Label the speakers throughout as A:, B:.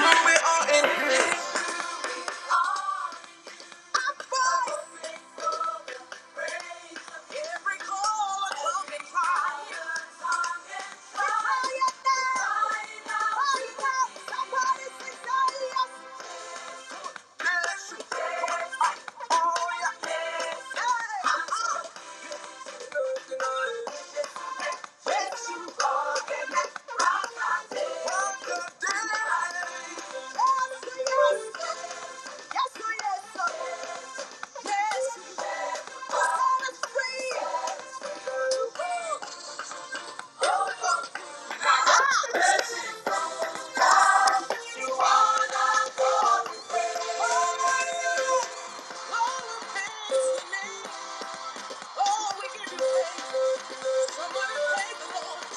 A: We are in His. Yes, we are. Yes, I'm free.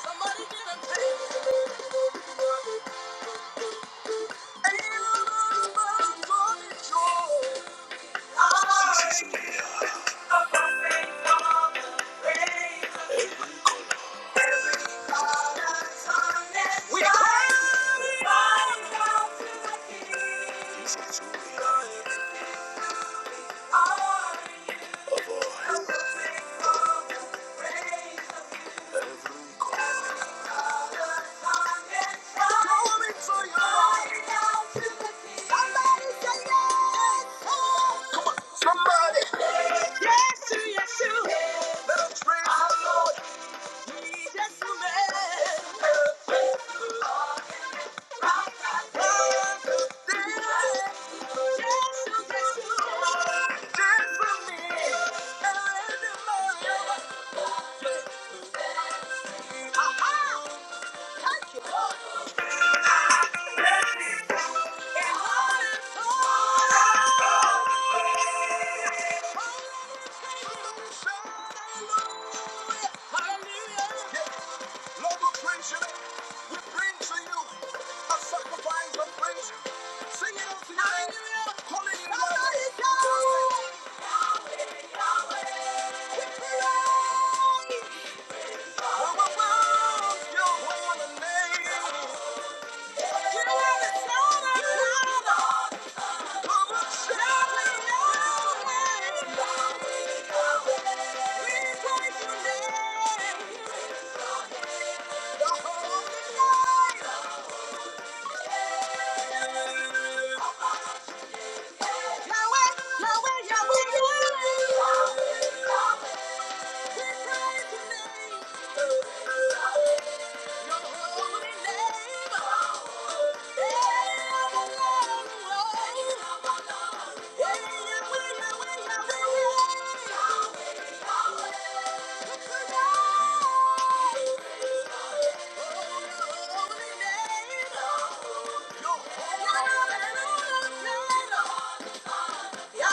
A: Somebody Thank you. Somebody, yes, yes, you. Let us praise the Lord. Thank you. Lord, we praise you. We bring to you a sacrifice of praise. Sing it out tonight. Call it in love. Yahweh, Yahweh. We praise. Wow, wow, wow. Your holy name. Yahweh, Yahweh, Yahweh. Your holy name. Oh,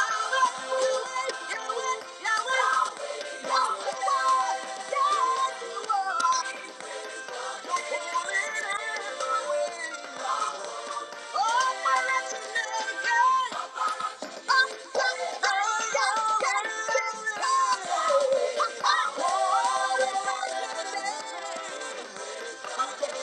A: Thank you.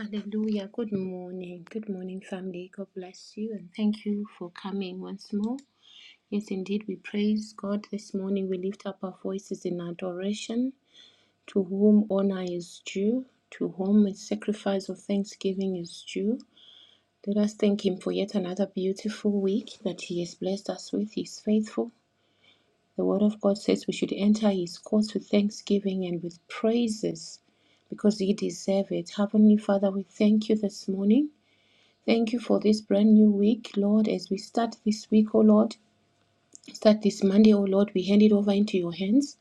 A: Hallelujah. Good morning. Good morning, family. God bless you and thank you for coming once more. Yes, indeed, we praise God this morning. We lift up our voices in adoration to whom honor is due, to whom a sacrifice of thanksgiving is due. Let us thank Him for yet another beautiful week that He has blessed us with. He is faithful. The Word of God says we should enter His courts with thanksgiving and with praises because you deserve it. Heavenly Father, we thank you this morning. Thank you for this brand new week, Lord. As we start this week, O Lord, start this Monday, O Lord, we hand it over into your hands.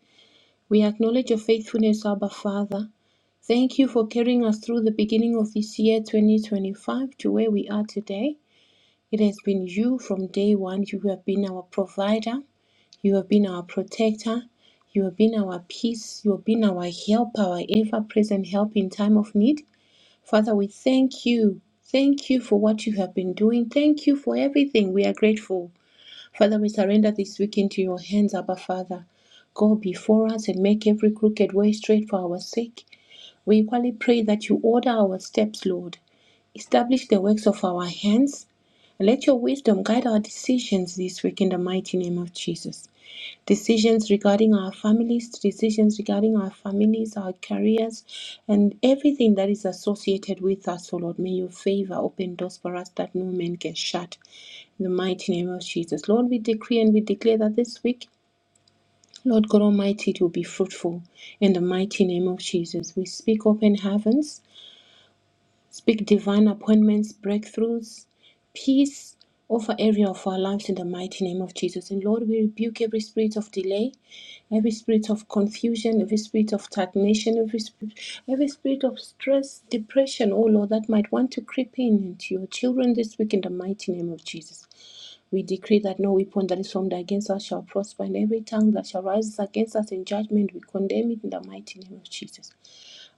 A: We acknowledge your faithfulness, Abba Father. Thank you for carrying us through the beginning of this year, 2025, to where we are today. It has been you from day one. You have been our provider. You have been our protector. You have been our peace. You have been our help, our ever present help in time of need. Father, we thank you. Thank you for what you have been doing. Thank you for everything. We are grateful. Father, we surrender this week into your hands, Abba Father. Go before us and make every crooked way straight for our sake. We equally pray that you order our steps, Lord. Establish the works of our hands. and Let your wisdom guide our decisions this week in the mighty name of Jesus. Decisions regarding our families, decisions regarding our families, our careers, and everything that is associated with us, O Lord. May your favor open doors for us that no man can shut. In the mighty name of Jesus. Lord, we decree and we declare that this week, Lord God Almighty, it will be fruitful. In the mighty name of Jesus. We speak open heavens. Speak divine appointments, breakthroughs, peace over every of our lives in the mighty name of Jesus. And Lord, we rebuke every spirit of delay, every spirit of confusion, every spirit of stagnation, every spirit, every spirit of stress, depression, oh Lord, that might want to creep in into your children this week in the mighty name of Jesus. We decree that no weapon that is formed against us shall prosper, and every tongue that shall rise against us in judgment, we condemn it in the mighty name of Jesus.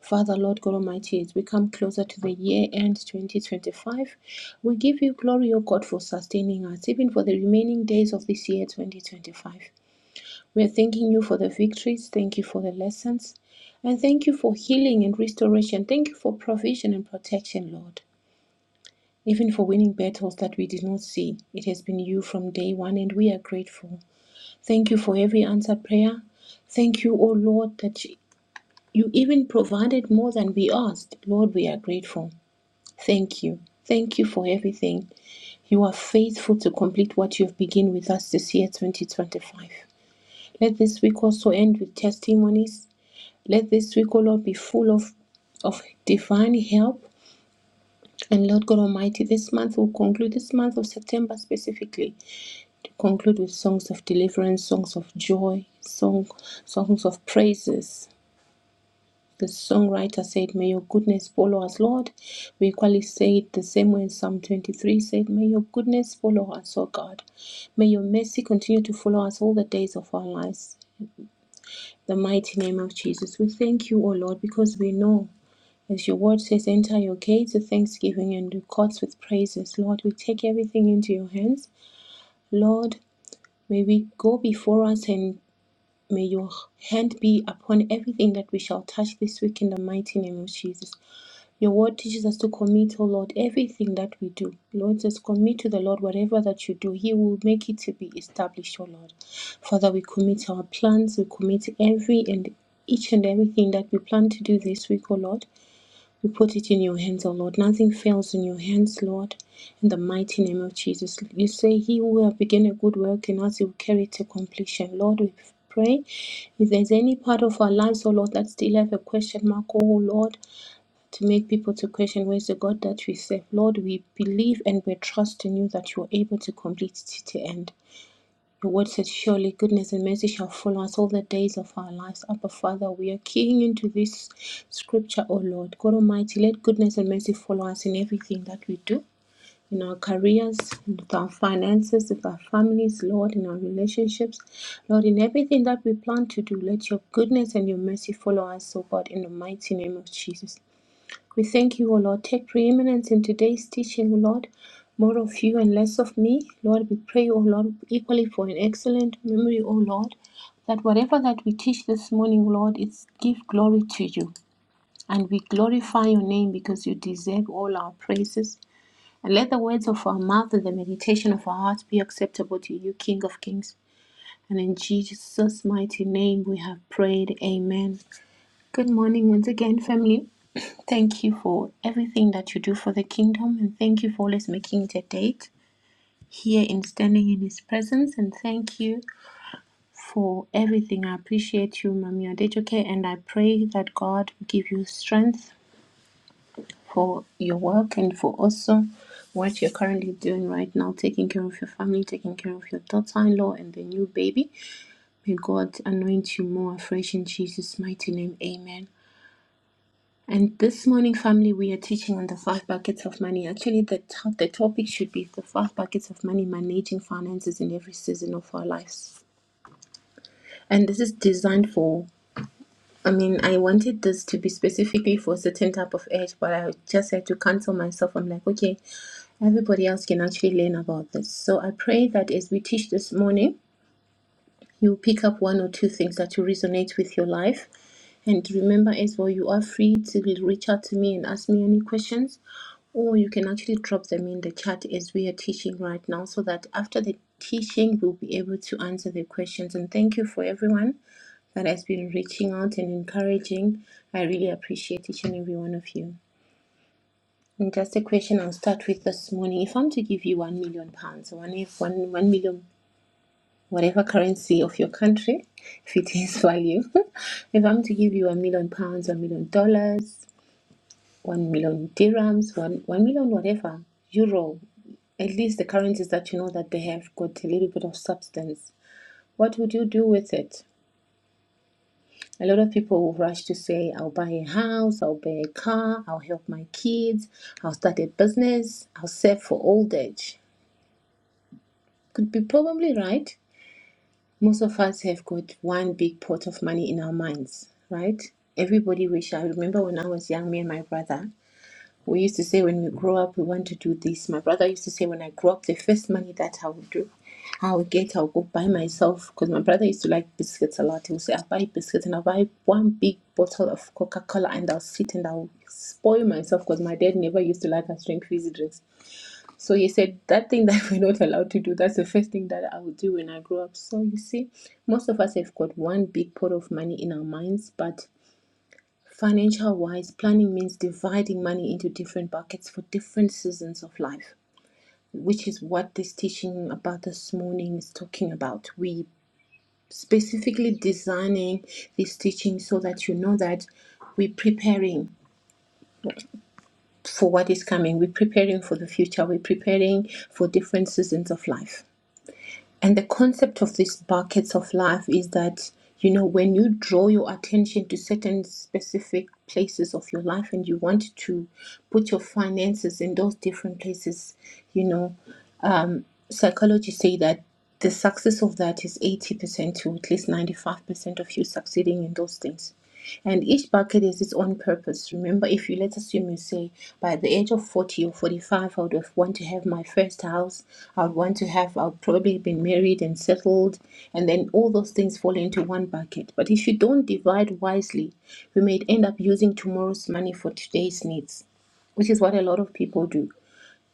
A: Father, Lord God Almighty, as we come closer to the year end 2025, we give you glory, O God, for sustaining us, even for the remaining days of this year 2025. We are thanking you for the victories, thank you for the lessons, and thank you for healing and restoration. Thank you for provision and protection, Lord. Even for winning battles that we did not see, it has been you from day one, and we are grateful. Thank you for every answered prayer. Thank you, O Lord, that you even provided more than we asked. Lord, we are grateful. Thank you. Thank you for everything. You are faithful to complete what you have begun with us this year, 2025. Let this week also end with testimonies. Let this week, O Lord, be full of, of divine help And Lord God Almighty, this month will conclude, this month of September specifically, to conclude with songs of deliverance, songs of joy, song, songs of praises. The songwriter said, May your goodness follow us, Lord. We equally say it the same way in Psalm 23 said, May your goodness follow us, O God. May your mercy continue to follow us all the days of our lives. The mighty name of Jesus. We thank you, O Lord, because we know. As your word says, enter your gates with thanksgiving and your courts with praises. Lord, we take everything into your hands. Lord, may we go before us and may your hand be upon everything that we shall touch this week in the mighty name of Jesus. Your word teaches us to commit, O Lord, everything that we do. Lord says, commit to the Lord whatever that you do. He will make it to be established, O Lord. Father, we commit our plans, we commit every and each and everything that we plan to do this week, O Lord. We put it in your hands, O Lord. Nothing fails in your hands, Lord. In the mighty name of Jesus. You say, He who have begun a good work in us, He will carry it to completion. Lord, we pray. If there's any part of our lives, O Lord, that still have a question mark, O Lord, to make people to question where's the God that we serve. Lord, we believe and we trust in you that you are able to complete it to the end. Your word says, Surely goodness and mercy shall follow us all the days of our lives. Abba, Father, we are keying into this scripture, O Lord. God Almighty, let goodness and mercy follow us in everything that we do, in our careers, with our finances, with our families, Lord, in our relationships. Lord, in everything that we plan to do, let your goodness and your mercy follow us, O God, in the mighty name of Jesus. We thank you, O Lord. Take preeminence in today's teaching, O Lord. More of you and less of me. Lord, we pray, O Lord, equally for an excellent memory, O Lord, that whatever that we teach this morning, Lord, it's give glory to you. And we glorify your name because you deserve all our praises. And let the words of our mouth and the meditation of our hearts be acceptable to you, King of Kings. And in Jesus' mighty name we have prayed. Amen. Good morning once again, family. Thank you for everything that you do for the kingdom, and thank you for always making it a date here in standing in His presence. And thank you for everything. I appreciate you, Mami Adejoke, and I pray that God will give you strength for your work and for also what you're currently doing right now, taking care of your family, taking care of your daughter-in-law and the new baby. May God anoint you more afresh in Jesus' mighty name. Amen. And this morning, family, we are teaching on the five buckets of money. Actually, the, to- the topic should be the five buckets of money, managing finances in every season of our lives. And this is designed for, I mean, I wanted this to be specifically for a certain type of age, but I just had to cancel myself. I'm like, okay, everybody else can actually learn about this. So I pray that as we teach this morning, you pick up one or two things that will resonate with your life. And remember as well, you are free to reach out to me and ask me any questions. or you can actually drop them in the chat as we are teaching right now so that after the teaching we'll be able to answer the questions and thank you for everyone that has been reaching out and encouraging i really appreciate each and every one of you and just a question i'll start with this morning if i'm to give you one million pounds one if one one million whatever currency of your country if it is value if i'm to give you a million pounds a million dollars one million dirhams, one one million whatever euro. At least the currencies that you know that they have got a little bit of substance. What would you do with it? A lot of people will rush to say, "I'll buy a house, I'll buy a car, I'll help my kids, I'll start a business, I'll save for old age." Could be probably right. Most of us have got one big pot of money in our minds, right? Everybody wish. I remember when I was young, me and my brother We used to say when we grow up, we want to do this. My brother used to say when I grow up, the first money that I will do, I will get, I'll go buy myself. Because my brother used to like biscuits a lot. He would say, I'll buy biscuits and I'll buy one big bottle of Coca Cola and I'll sit and I'll spoil myself because my dad never used to like us drink fizzy drinks. So he said, That thing that we're not allowed to do, that's the first thing that I will do when I grow up. So you see, most of us have got one big pot of money in our minds, but Financial wise, planning means dividing money into different buckets for different seasons of life, which is what this teaching about this morning is talking about. We specifically designing this teaching so that you know that we're preparing for what is coming, we're preparing for the future, we're preparing for different seasons of life. And the concept of these buckets of life is that, you know, when you draw your attention to certain specific places of your life and you want to put your finances in those different places, you know, psychologists say that the success of that is 80% to at least 95% of you succeeding in those things. And each bucket is its own purpose. Remember, if you let's assume you say, by the age of 40 or 45, I would have want to have my first house, I would want to have, i would probably been married and settled, and then all those things fall into one bucket. But if you don't divide wisely, we may end up using tomorrow's money for today's needs, which is what a lot of people do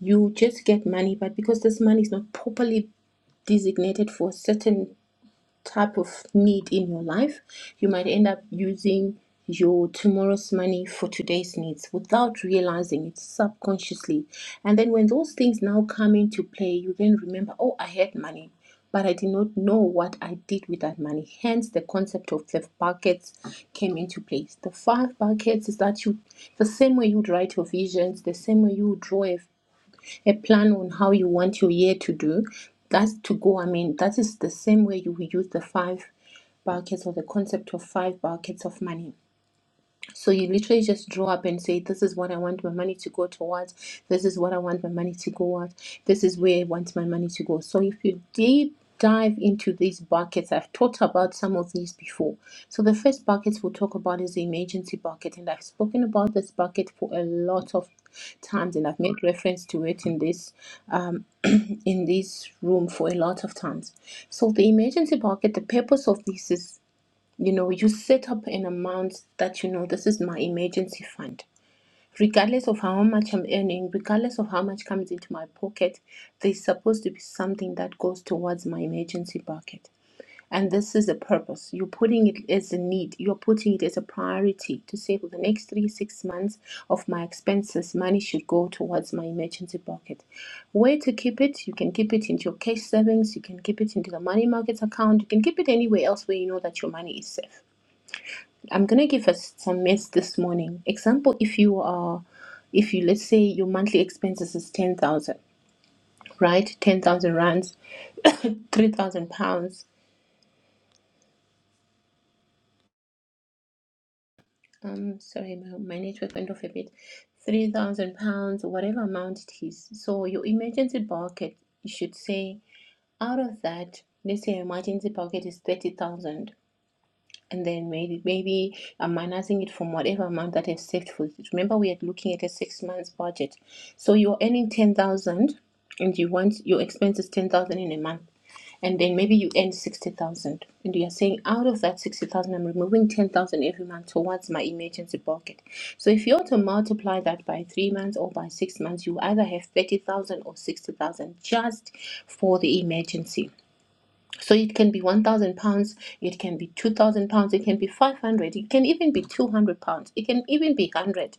A: you just get money, but because this money is not properly designated for a certain type of need in your life, you might end up using your tomorrow's money for today's needs without realizing it subconsciously. And then when those things now come into play, you then remember, oh, I had money. But I did not know what I did with that money. Hence, the concept of the buckets came into place. The five buckets is that you, the same way you write your visions, the same way you draw a a plan on how you want your year to do. That's to go. I mean, that is the same way you will use the five buckets or the concept of five buckets of money. So you literally just draw up and say, This is what I want my money to go towards. This is what I want my money to go at. This is where I want my money to go. So if you deep dive into these buckets, I've talked about some of these before. So the first bucket we'll talk about is the emergency bucket. And I've spoken about this bucket for a lot of times and I've made reference to it in this um, in this room for a lot of times. So the emergency bucket, the purpose of this is you know, you set up an amount that you know this is my emergency fund. Regardless of how much I'm earning, regardless of how much comes into my pocket, there's supposed to be something that goes towards my emergency bucket. And this is a purpose. You're putting it as a need. You're putting it as a priority to say for the next three, six months of my expenses, money should go towards my emergency bucket. Where to keep it? You can keep it into your cash savings, you can keep it into the money market account, you can keep it anywhere else where you know that your money is safe. I'm gonna give us some myths this morning. Example, if you are, if you let's say your monthly expenses is ten thousand, right? Ten thousand rands, three thousand pounds. Um, sorry, my, my network went off a bit. Three thousand pounds, whatever amount it is. So your emergency bucket, you should say out of that, let's say your emergency bucket is thirty thousand. and then maybe maybe I'm minusing it from whatever amount that I've saved for it. Remember, we are looking at a six months budget. So you're earning ten thousand, and you want your expenses ten thousand in a month, and then maybe you earn sixty thousand, and you are saying out of that sixty thousand, I'm removing ten thousand every month towards my emergency pocket. So if you were to multiply that by three months or by six months, you either have thirty thousand or sixty thousand just for the emergency. So it can be 1,000 pounds, it can be 2,000 pounds, it can be 500, it can even be 200 pounds, it can even be 100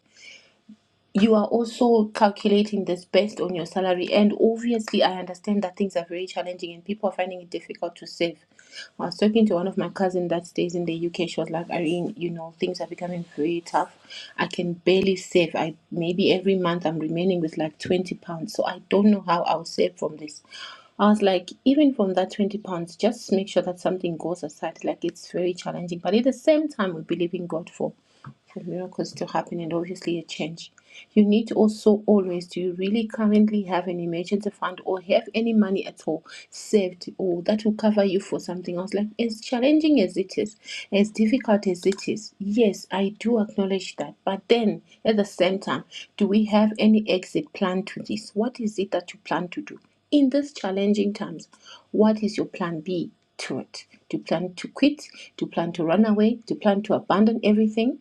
A: you are also calculating this based on your salary and obviously i understand that things are very challenging and people are finding it difficult to save i was talking to one of my cousins that stays in the uk she was like irene you know things are becoming very tough i can barely save i maybe every month i'm remaining with like 20 pounds so i don't know how i'll save from this I was like, even from that 20 pounds, just make sure that something goes aside. Like, it's very challenging. But at the same time, we believe in God for for miracles to happen and obviously a change. You need to also always, do you really currently have an emergency fund or have any money at all saved or that will cover you for something else? Like as challenging as it is, as difficult as it is, yes, I do acknowledge that. But then at the same time, do we have any exit plan to this? What is it that you plan to do? In these challenging times, what is your plan B to it? Do you plan to quit? Do you plan to run away? Do you plan to abandon everything?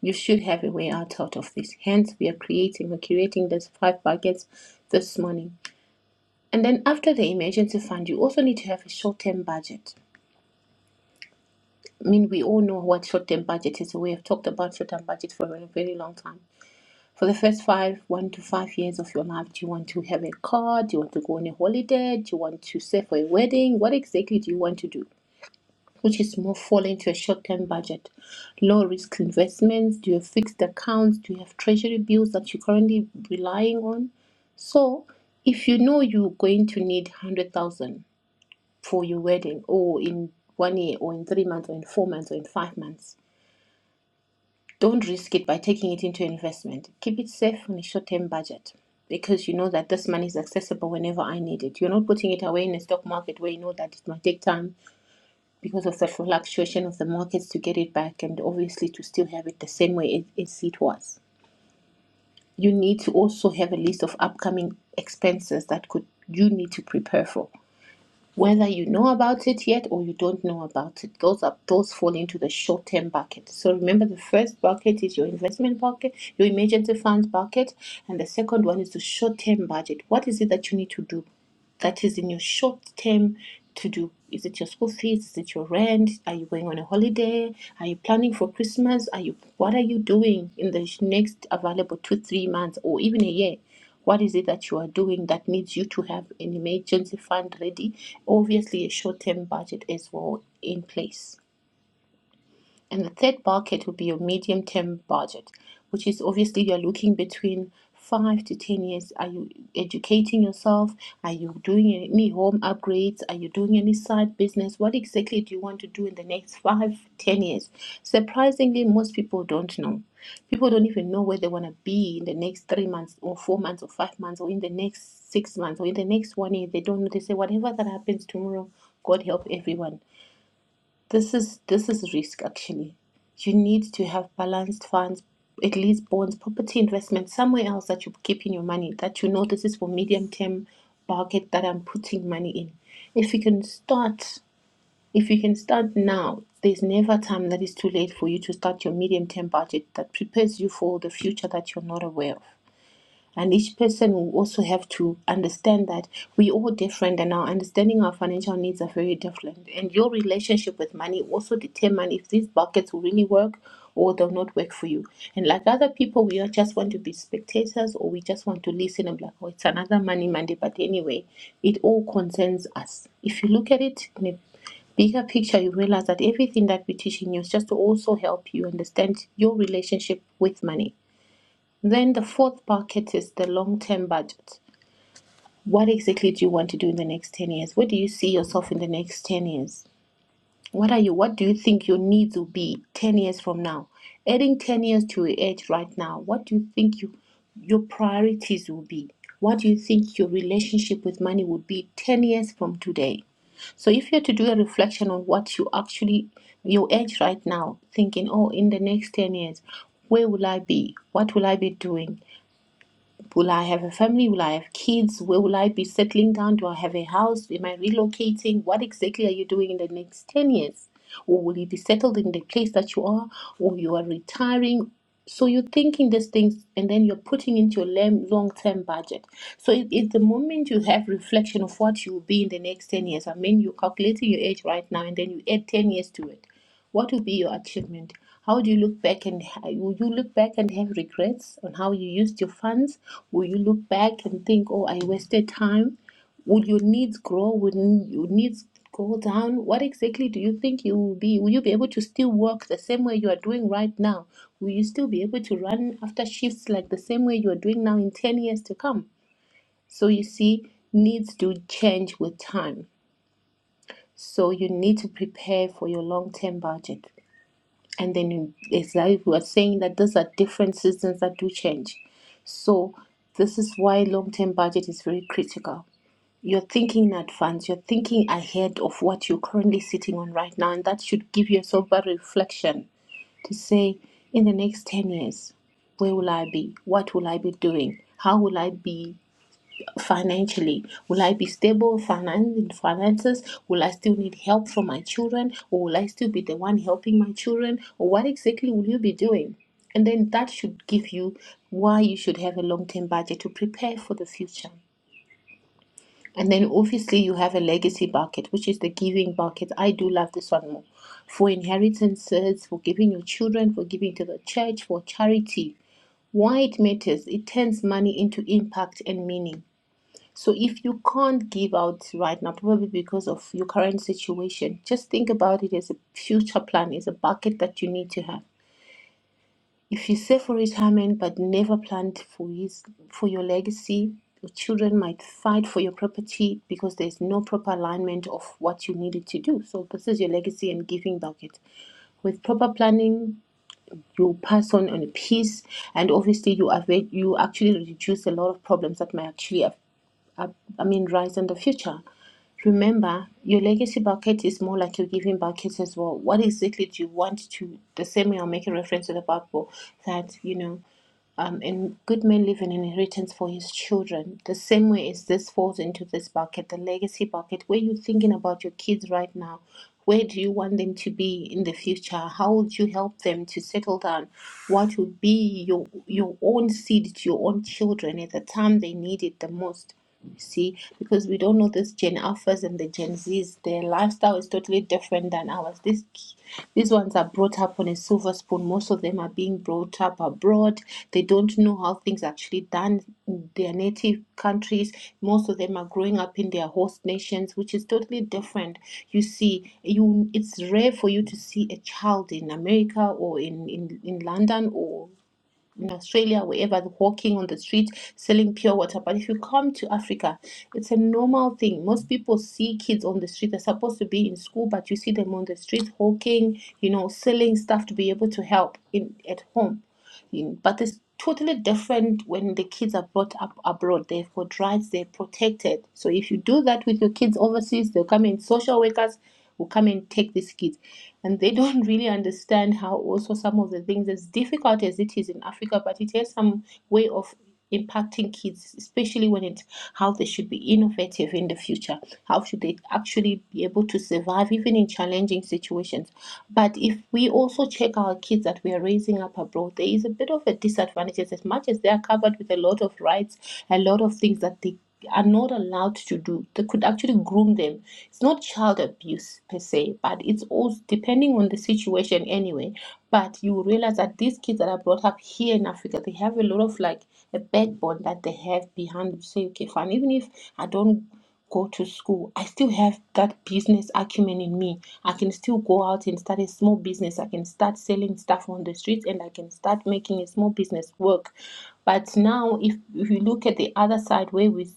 A: You should have a way out, out of this. Hence, we are creating, we're creating these five buckets this morning. And then after the emergency fund, you also need to have a short term budget. I mean, we all know what short term budget is. We have talked about short term budget for a very long time. For the first five, one to five years of your life, do you want to have a car? Do you want to go on a holiday? Do you want to save for a wedding? What exactly do you want to do? which is more fall into a short-term budget. Low-risk investments, do you have fixed accounts? Do you have treasury bills that you're currently relying on? So if you know you're going to need 100,000 for your wedding or in one year or in three months or in four months or in five months, don't risk it by taking it into investment. Keep it safe on a short-term budget because you know that this money is accessible whenever I need it. You're not putting it away in a stock market where you know that it might take time because of the fluctuation of the markets to get it back and obviously to still have it the same way as it was. You need to also have a list of upcoming expenses that could you need to prepare for whether you know about it yet or you don't know about it those are those fall into the short term bucket so remember the first bucket is your investment bucket your emergency funds bucket and the second one is the short term budget what is it that you need to do that is in your short term to do is it your school fees is it your rent are you going on a holiday are you planning for christmas are you what are you doing in the next available 2 3 months or even a year what is it that you are doing that needs you to have an emergency fund ready? Obviously, a short term budget as well in place. And the third bucket would be your medium term budget, which is obviously you're looking between five to 10 years. Are you educating yourself? Are you doing any home upgrades? Are you doing any side business? What exactly do you want to do in the next five, ten years? Surprisingly, most people don't know. People don't even know where they want to be in the next three months or four months or five months or in the next six months or in the next one year. They don't know. They say, whatever that happens tomorrow, God help everyone. This is this is risk actually. You need to have balanced funds, at least bonds, property investment, somewhere else that you're keeping your money that you know this is for medium term bucket that I'm putting money in. If you can start if you can start now, there's never a time that is too late for you to start your medium term budget that prepares you for the future that you're not aware of and each person will also have to understand that we all different and our understanding of financial needs are very different and your relationship with money also determine if these buckets will really work or they'll not work for you and like other people we all just want to be spectators or we just want to listen and be like oh it's another money monday but anyway it all concerns us if you look at it in a bigger picture, you realize that everything that we teach in you is just to also help you understand your relationship with money. Then the fourth bucket is the long term budget. What exactly do you want to do in the next 10 years? Where do you see yourself in the next 10 years? What are you what do you think your needs will be 10 years from now? Adding 10 years to your age right now, what do you think you your priorities will be? What do you think your relationship with money would be 10 years from today? So if you're to do a reflection on what you actually your age right now, thinking, oh, in the next ten years, where will I be? What will I be doing? Will I have a family? Will I have kids? Where will I be settling down? Do I have a house? Am I relocating? What exactly are you doing in the next 10 years? Or will you be settled in the place that you are? Or you are retiring? So you're thinking these things and then you're putting into your long term budget. So it, it's the moment you have reflection of what you will be in the next 10 years. I mean, you're calculating your age right now and then you add 10 years to it. What will be your achievement? How do you look back and will you look back and have regrets on how you used your funds? Will you look back and think, oh, I wasted time? Will your needs grow? Will your needs go down? What exactly do you think you will be? Will you be able to still work the same way you are doing right now? Will you still be able to run after shifts like the same way you are doing now in 10 years to come? So you see, needs do change with time. So you need to prepare for your long term budget. And then you- it's like we were saying that these are different systems that do change. So this is why long-term budget is very critical. You're thinking in advance, you're thinking ahead of what you're currently sitting on right now, and that should give you a sober reflection to say, in the next 10 years, where will I be? What will I be doing? How will I be financially will i be stable finan- in finances will i still need help from my children or will i still be the one helping my children or what exactly will you be doing and then that should give you why you should have a long-term budget to prepare for the future and then obviously you have a legacy bucket which is the giving bucket i do love this one more for inheritances for giving your children for giving to the church for charity why it matters it turns money into impact and meaning so if you can't give out right now, probably because of your current situation, just think about it as a future plan, as a bucket that you need to have. If you save for retirement but never planned for his, for your legacy, your children might fight for your property because there's no proper alignment of what you needed to do. So this is your legacy and giving bucket. With proper planning, you pass on on a piece, and obviously you avoid you actually reduce a lot of problems that may actually have I, I mean, rise in the future. Remember, your legacy bucket is more like your giving bucket as well. What exactly do you want to? The same way I'll make a reference to the Bible that, you know, um, and good men leave an inheritance for his children. The same way is this falls into this bucket, the legacy bucket, where you're thinking about your kids right now. Where do you want them to be in the future? How would you help them to settle down? What would be your your own seed to your own children at the time they need it the most? You see, because we don't know this Gen Alphas and the Gen Zs, their lifestyle is totally different than ours. These these ones are brought up on a silver spoon. Most of them are being brought up abroad. They don't know how things are actually done in their native countries. Most of them are growing up in their host nations, which is totally different. You see, you it's rare for you to see a child in America or in in, in London or in Australia, wherever, walking on the street, selling pure water. But if you come to Africa, it's a normal thing. Most people see kids on the street. They're supposed to be in school, but you see them on the street walking, you know, selling stuff to be able to help in at home you- but it's totally different when the kids are brought up abroad. They've got rights, they're protected. So if you do that with your kids overseas, they'll come in, social workers will come and take these kids. And they don't really understand how also some of the things, as difficult as it is in Africa, but it has some way of impacting kids, especially when it's how they should be innovative in the future. How should they actually be able to survive even in challenging situations? But if we also check our kids that we are raising up abroad, there is a bit of a disadvantage as much as they are covered with a lot of rights, a lot of things that they are not allowed to do they could actually groom them it's not child abuse per se but it's also depending on the situation anyway but you realize that these kids that are brought up here in africa they have a lot of like a backbone that they have behind to say okay fine even if i don't go to school. I still have that business acumen in me. I can still go out and start a small business. I can start selling stuff on the streets and I can start making a small business work. But now if, if you look at the other side where we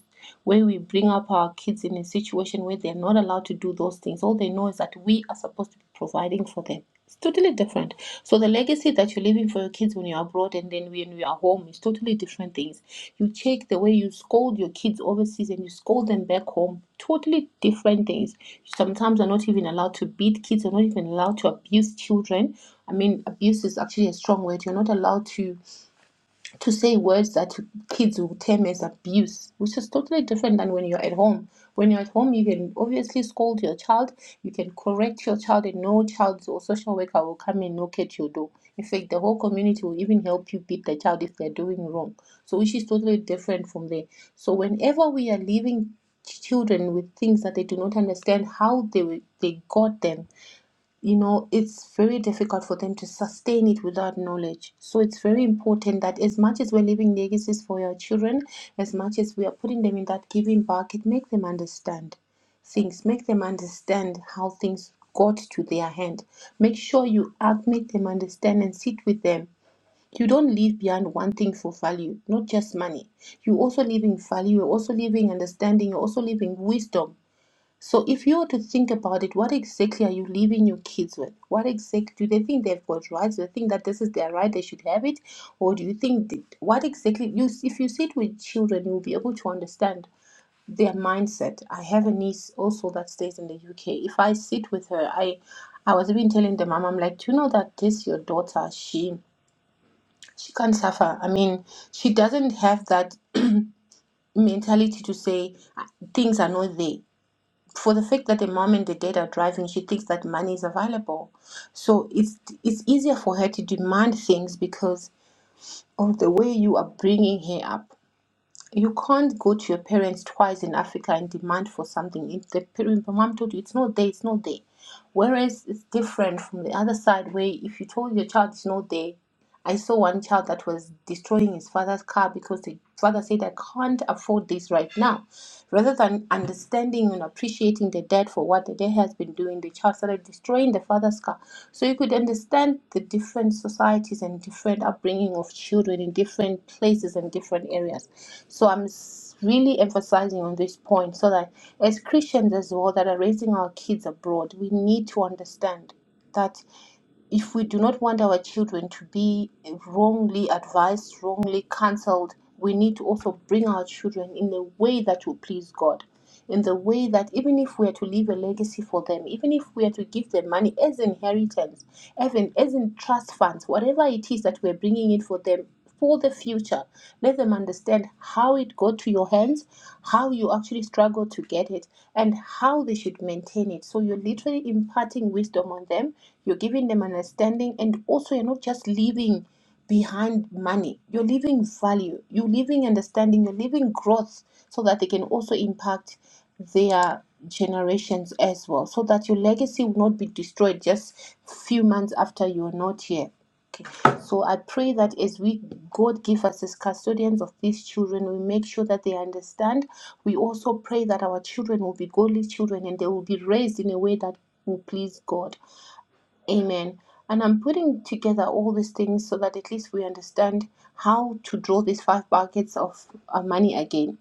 A: where we bring up our kids in a situation where they're not allowed to do those things, all they know is that we are supposed to be providing for them. It's totally different. So the legacy that you're leaving for your kids when you're abroad and then when you are home is totally different things. You check the way you scold your kids overseas and you scold them back home. Totally different things. Sometimes are not even allowed to beat kids, are not even allowed to abuse children. I mean abuse is actually a strong word. You're not allowed to to say words that kids will term as abuse, which is totally different than when you're at home. When you're at home, you can obviously scold your child, you can correct your child, and no child or social worker will come and knock at your door. In fact, the whole community will even help you beat the child if they're doing wrong. So, which is totally different from there. So, whenever we are leaving children with things that they do not understand how they they got them you know, it's very difficult for them to sustain it without knowledge. So it's very important that as much as we're leaving legacies for our children, as much as we are putting them in that giving bucket, make them understand things, make them understand how things got to their hand. Make sure you act, make them understand and sit with them. You don't leave beyond one thing for value, not just money. You also leaving value, you're also leaving understanding, you're also leaving wisdom so if you were to think about it, what exactly are you leaving your kids with? What exactly do they think they've got rights? Do they think that this is their right, they should have it, or do you think that, what exactly you if you sit with children, you'll be able to understand their mindset. I have a niece also that stays in the UK. If I sit with her, I I was even telling the mom, I'm like, do you know that this your daughter, she she can't suffer. I mean, she doesn't have that mentality to say "Ah, things are not there for the fact that the mom and the dad are driving, she thinks that money is available. So it's it's easier for her to demand things because of the way you are bringing her up. You can't go to your parents twice in Africa and demand for something. If the parent- the mom told you it's not there, it's not there. Whereas it's different from the other side where if you told your child it's not there, I saw one child that was destroying his father's car because the father said, I can't afford this right now. Rather than understanding and appreciating the dad for what the dad has been doing, the child started destroying the father's car. So you could understand the different societies and different upbringing of children in different places and different areas. So I'm s- really emphasizing on this point so that as Christians as well that are raising our kids abroad, we need to understand that if we do not want our children to be wrongly advised, wrongly counseled, we need to also bring our children in a way that will please God. In the way that even if we are to leave a legacy for them, even if we are to give them money as inheritance, even as in trust funds, whatever it is that we're bringing in for them for the future. Let them understand how it got to your hands, how you actually struggled to get it, and how they should maintain it. So you're literally imparting wisdom on them, you're giving them understanding, and also you're not just leaving behind money. You're leaving value, you're leaving understanding, you're leaving growth so that they can also impact their generations as well so that your legacy will not be destroyed just few months after you're not here so I pray that as we, God, give us as custodians of these children, we make sure that they understand. We also pray that our children will be godly children and they will be raised in a way that will please God. Amen. And I'm putting together all these things so that at least we understand how to draw these five buckets of uh, money again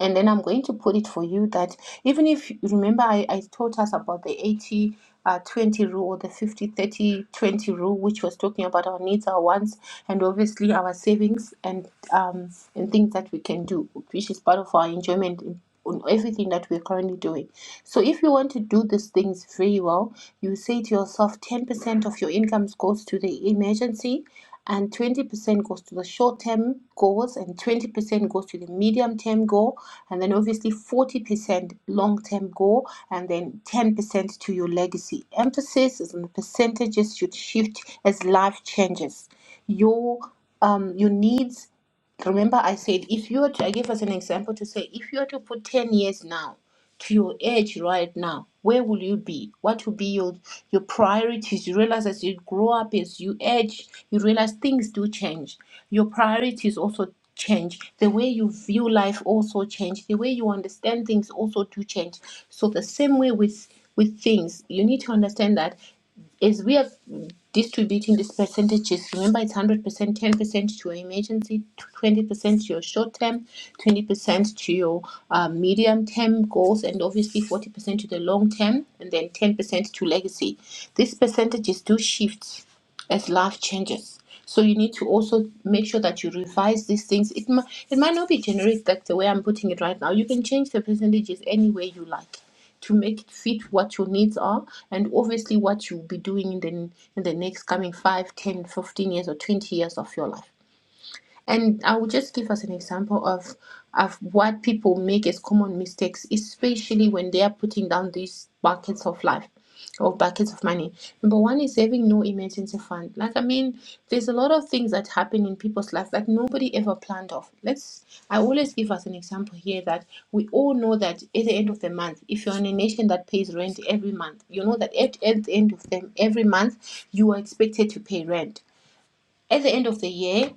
A: and then I'm going to put it for you that even if you remember, I, I taught us about the 80 uh, 20 rule or the 50 30 20 rule, which was talking about our needs, our wants, and obviously our savings and um, and things that we can do, which is part of our enjoyment in, on everything that we're currently doing. So, if you want to do these things very well, you say to yourself 10% of your incomes goes to the emergency, and 20% goes to the short term goals and 20% goes to the medium term goal and then obviously 40% long term goal and then 10% to your legacy emphasis is on the percentages should shift as life changes your um your needs Remember, I said if you are to, I gave us an example to say if you are to put 10 years now to your age right now, where will you be? What will be your, your priorities? You realize as you grow up, as you age, you realize things do change. Your priorities also change. The way you view life also change. The way you understand things also do change. So the same way with with things, you need to understand that as we are distributing these percentages, remember it's 100%, 10% to your emergency, 20% to your short term, 20% to your uh, medium term goals, and obviously 40% to the long term, and then 10% to legacy. These percentages do shift as life changes. So you need to also make sure that you revise these things. It, it might not be generic, like the way I'm putting it right now. You can change the percentages any way you like to make it fit what your needs are and obviously what you'll be doing in the in the next coming 5, 10, fifteen years or 20 years of your life and I will just give us an example of of what people make as common mistakes, especially when they are putting down these buckets of life or buckets of money. Number one is having no emergency fund. Like I mean, there's a lot of things that happen in people's lives that nobody ever planned of. Let's I always give us an example here that we all know that at the end of the month, if you're in a nation that pays rent every month, you know that at, at the end of them every month you are expected to pay rent at the end of the year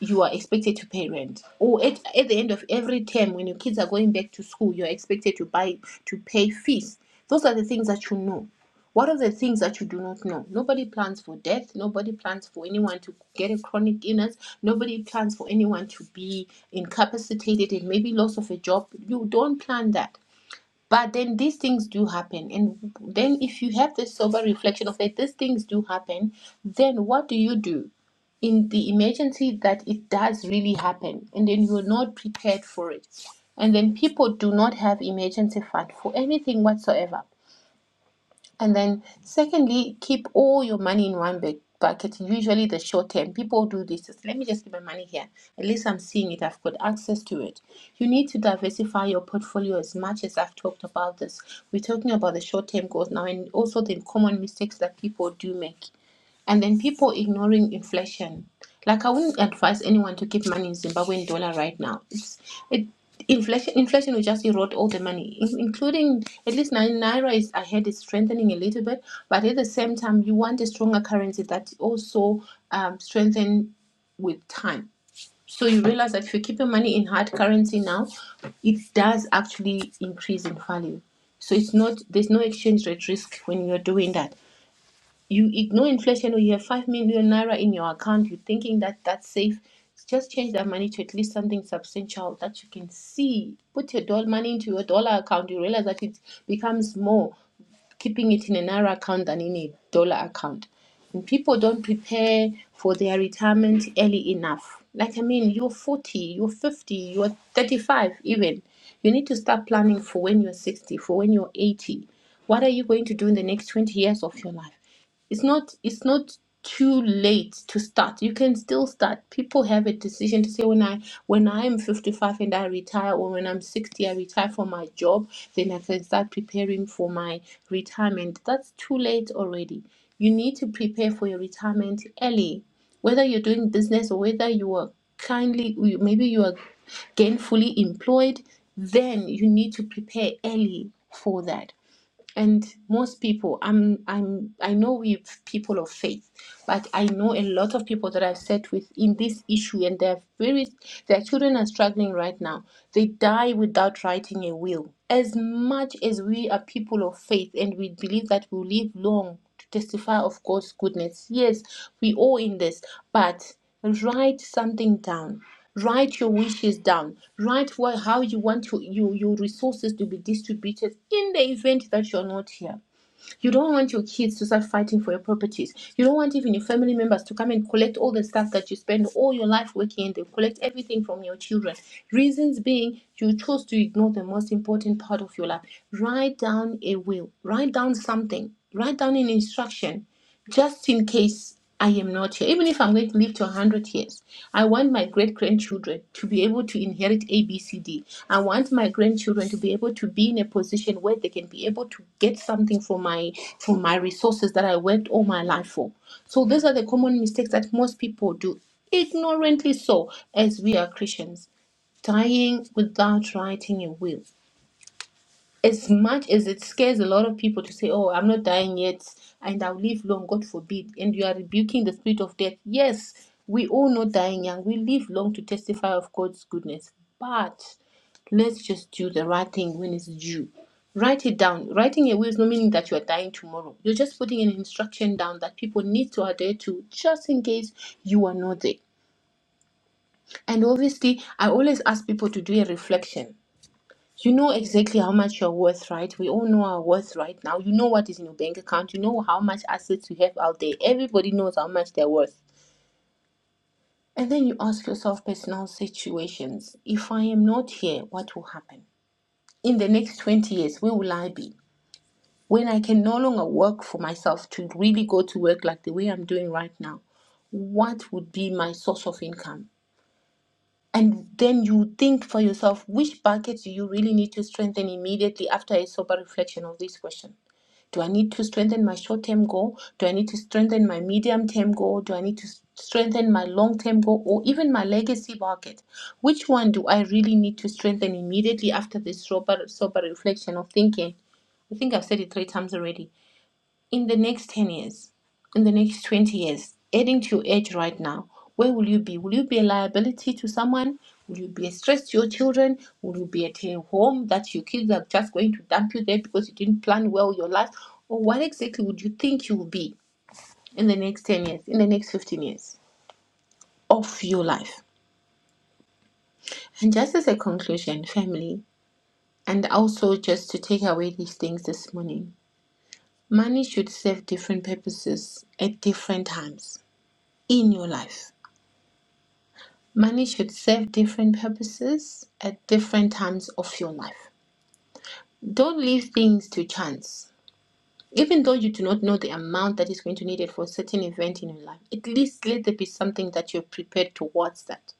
A: you are expected to pay rent or at, at the end of every term when your kids are going back to school you're expected to buy to pay fees those are the things that you know what are the things that you do not know nobody plans for death nobody plans for anyone to get a chronic illness nobody plans for anyone to be incapacitated and maybe loss of a job you don't plan that but then these things do happen. And then if you have this sober reflection of that these things do happen, then what do you do? in the emergency that it does really happen and then you're not prepared for it and then people do not have emergency fund for anything whatsoever and then, secondly, keep all your money in one big bucket. Usually, the short term people do this. Let me just keep my money here. At least I'm seeing it. I've got access to it. You need to diversify your portfolio as much as I've talked about this. We're talking about the short term goals now, and also the common mistakes that people do make. And then people ignoring inflation. Like I wouldn't advise anyone to keep money in Zimbabwean dollar right now. It's it inflation inflation will just erode all the money, in- including at least nine naira is ahead. heard is strengthening a little bit, but at the same time you want a stronger currency that also um, strengthen with time. So you realize that if you keep your money in hard currency now, it does actually increase in value. So it's not there's no exchange rate risk when you're doing that you ignore inflation or you have 5 million naira in your account you're thinking that that's safe just change that money to at least something substantial that you can see put your dollar money into your dollar account you realize that it becomes more keeping it in a naira account than in a dollar account and people don't prepare for their retirement early enough like i mean you're 40 you're 50 you're 35 even you need to start planning for when you're 60 for when you're 80 what are you going to do in the next 20 years of your life it's not it's not too late to start you can still start people have a decision to say when i when i'm 55 and i retire or when i'm 60 i retire from my job then i can start preparing for my retirement that's too late already you need to prepare for your retirement early whether you're doing business or whether you are kindly you- maybe you are gainfully employed then you need to prepare early for that and most people i'm i'm i know we're people of faith but i know a lot of people that i've sat with in this issue and they're very their children are struggling right now they die without writing a will as much as we are people of faith and we believe that we will live long to testify of god's goodness yes we all in this but write something down write your wishes down write what, how you want your, your, your resources to be distributed in the event that you're not here you don't want your kids to start fighting for your properties you don't want even your family members to come and collect all the stuff that you spend all your life working and they collect everything from your children reasons being you chose to ignore the most important part of your life write down a will write down something write down an instruction just in case I am not here, even if I'm going to live to 100 years, I want my great grandchildren to be able to inherit A, B, C, D. I want my grandchildren to be able to be in a position where they can be able to get something from my from my resources that I worked all my life for. So these are the common mistakes that most people do, ignorantly so, as we are Christians, dying without writing a will as much as it scares a lot of people to say, Oh, I'm not dying yet and I'll live long, God forbid, and you are rebuking the spirit of death. Yes, we all know dying young, we live long to testify of God's goodness, but let's just do the right thing when it's due. Write it down. Writing a will is not meaning that you are dying tomorrow. You're just putting an instruction down that people need to adhere to just in case you are not there. And obviously, I always ask people to do a reflection you know exactly how much you're worth, right? We all know our worth right now. You know what is in your bank account. You know how much assets you have out there. Everybody knows how much they're worth. And then you ask yourself personal situations. If I am not here, what will happen? In the next 20 years, where will I be? When I can no longer work for myself to really go to work like the way I'm doing right now, what would be my source of income? And then you think for yourself, which buckets do you really need to strengthen immediately after a sober reflection of this question? Do I need to strengthen my short term goal? Do I need to strengthen my medium term goal? Do I need to strengthen my long term goal or even my legacy bucket? Which one do I really need to strengthen immediately after this sober, sober reflection of thinking? I think I've said it three times already in the next 10 years, in the next 20 years, adding to your age right now, where will you be? Will you be a liability to someone? Will you be a stress to your children? Will you be at a home that your kids are just going to dump you there because you didn't plan well your life? Or what exactly would you think you will be in the next 10 years, in the next 15 years of your life? And just as a conclusion, family, and also just to take away these things this morning, money should serve different purposes at different times in your life. Money should serve different purposes at different times of your life. Don't leave things to chance. Even though you do not know the amount that is going to need it for a certain event in your life, at least let there be something that you're prepared towards that.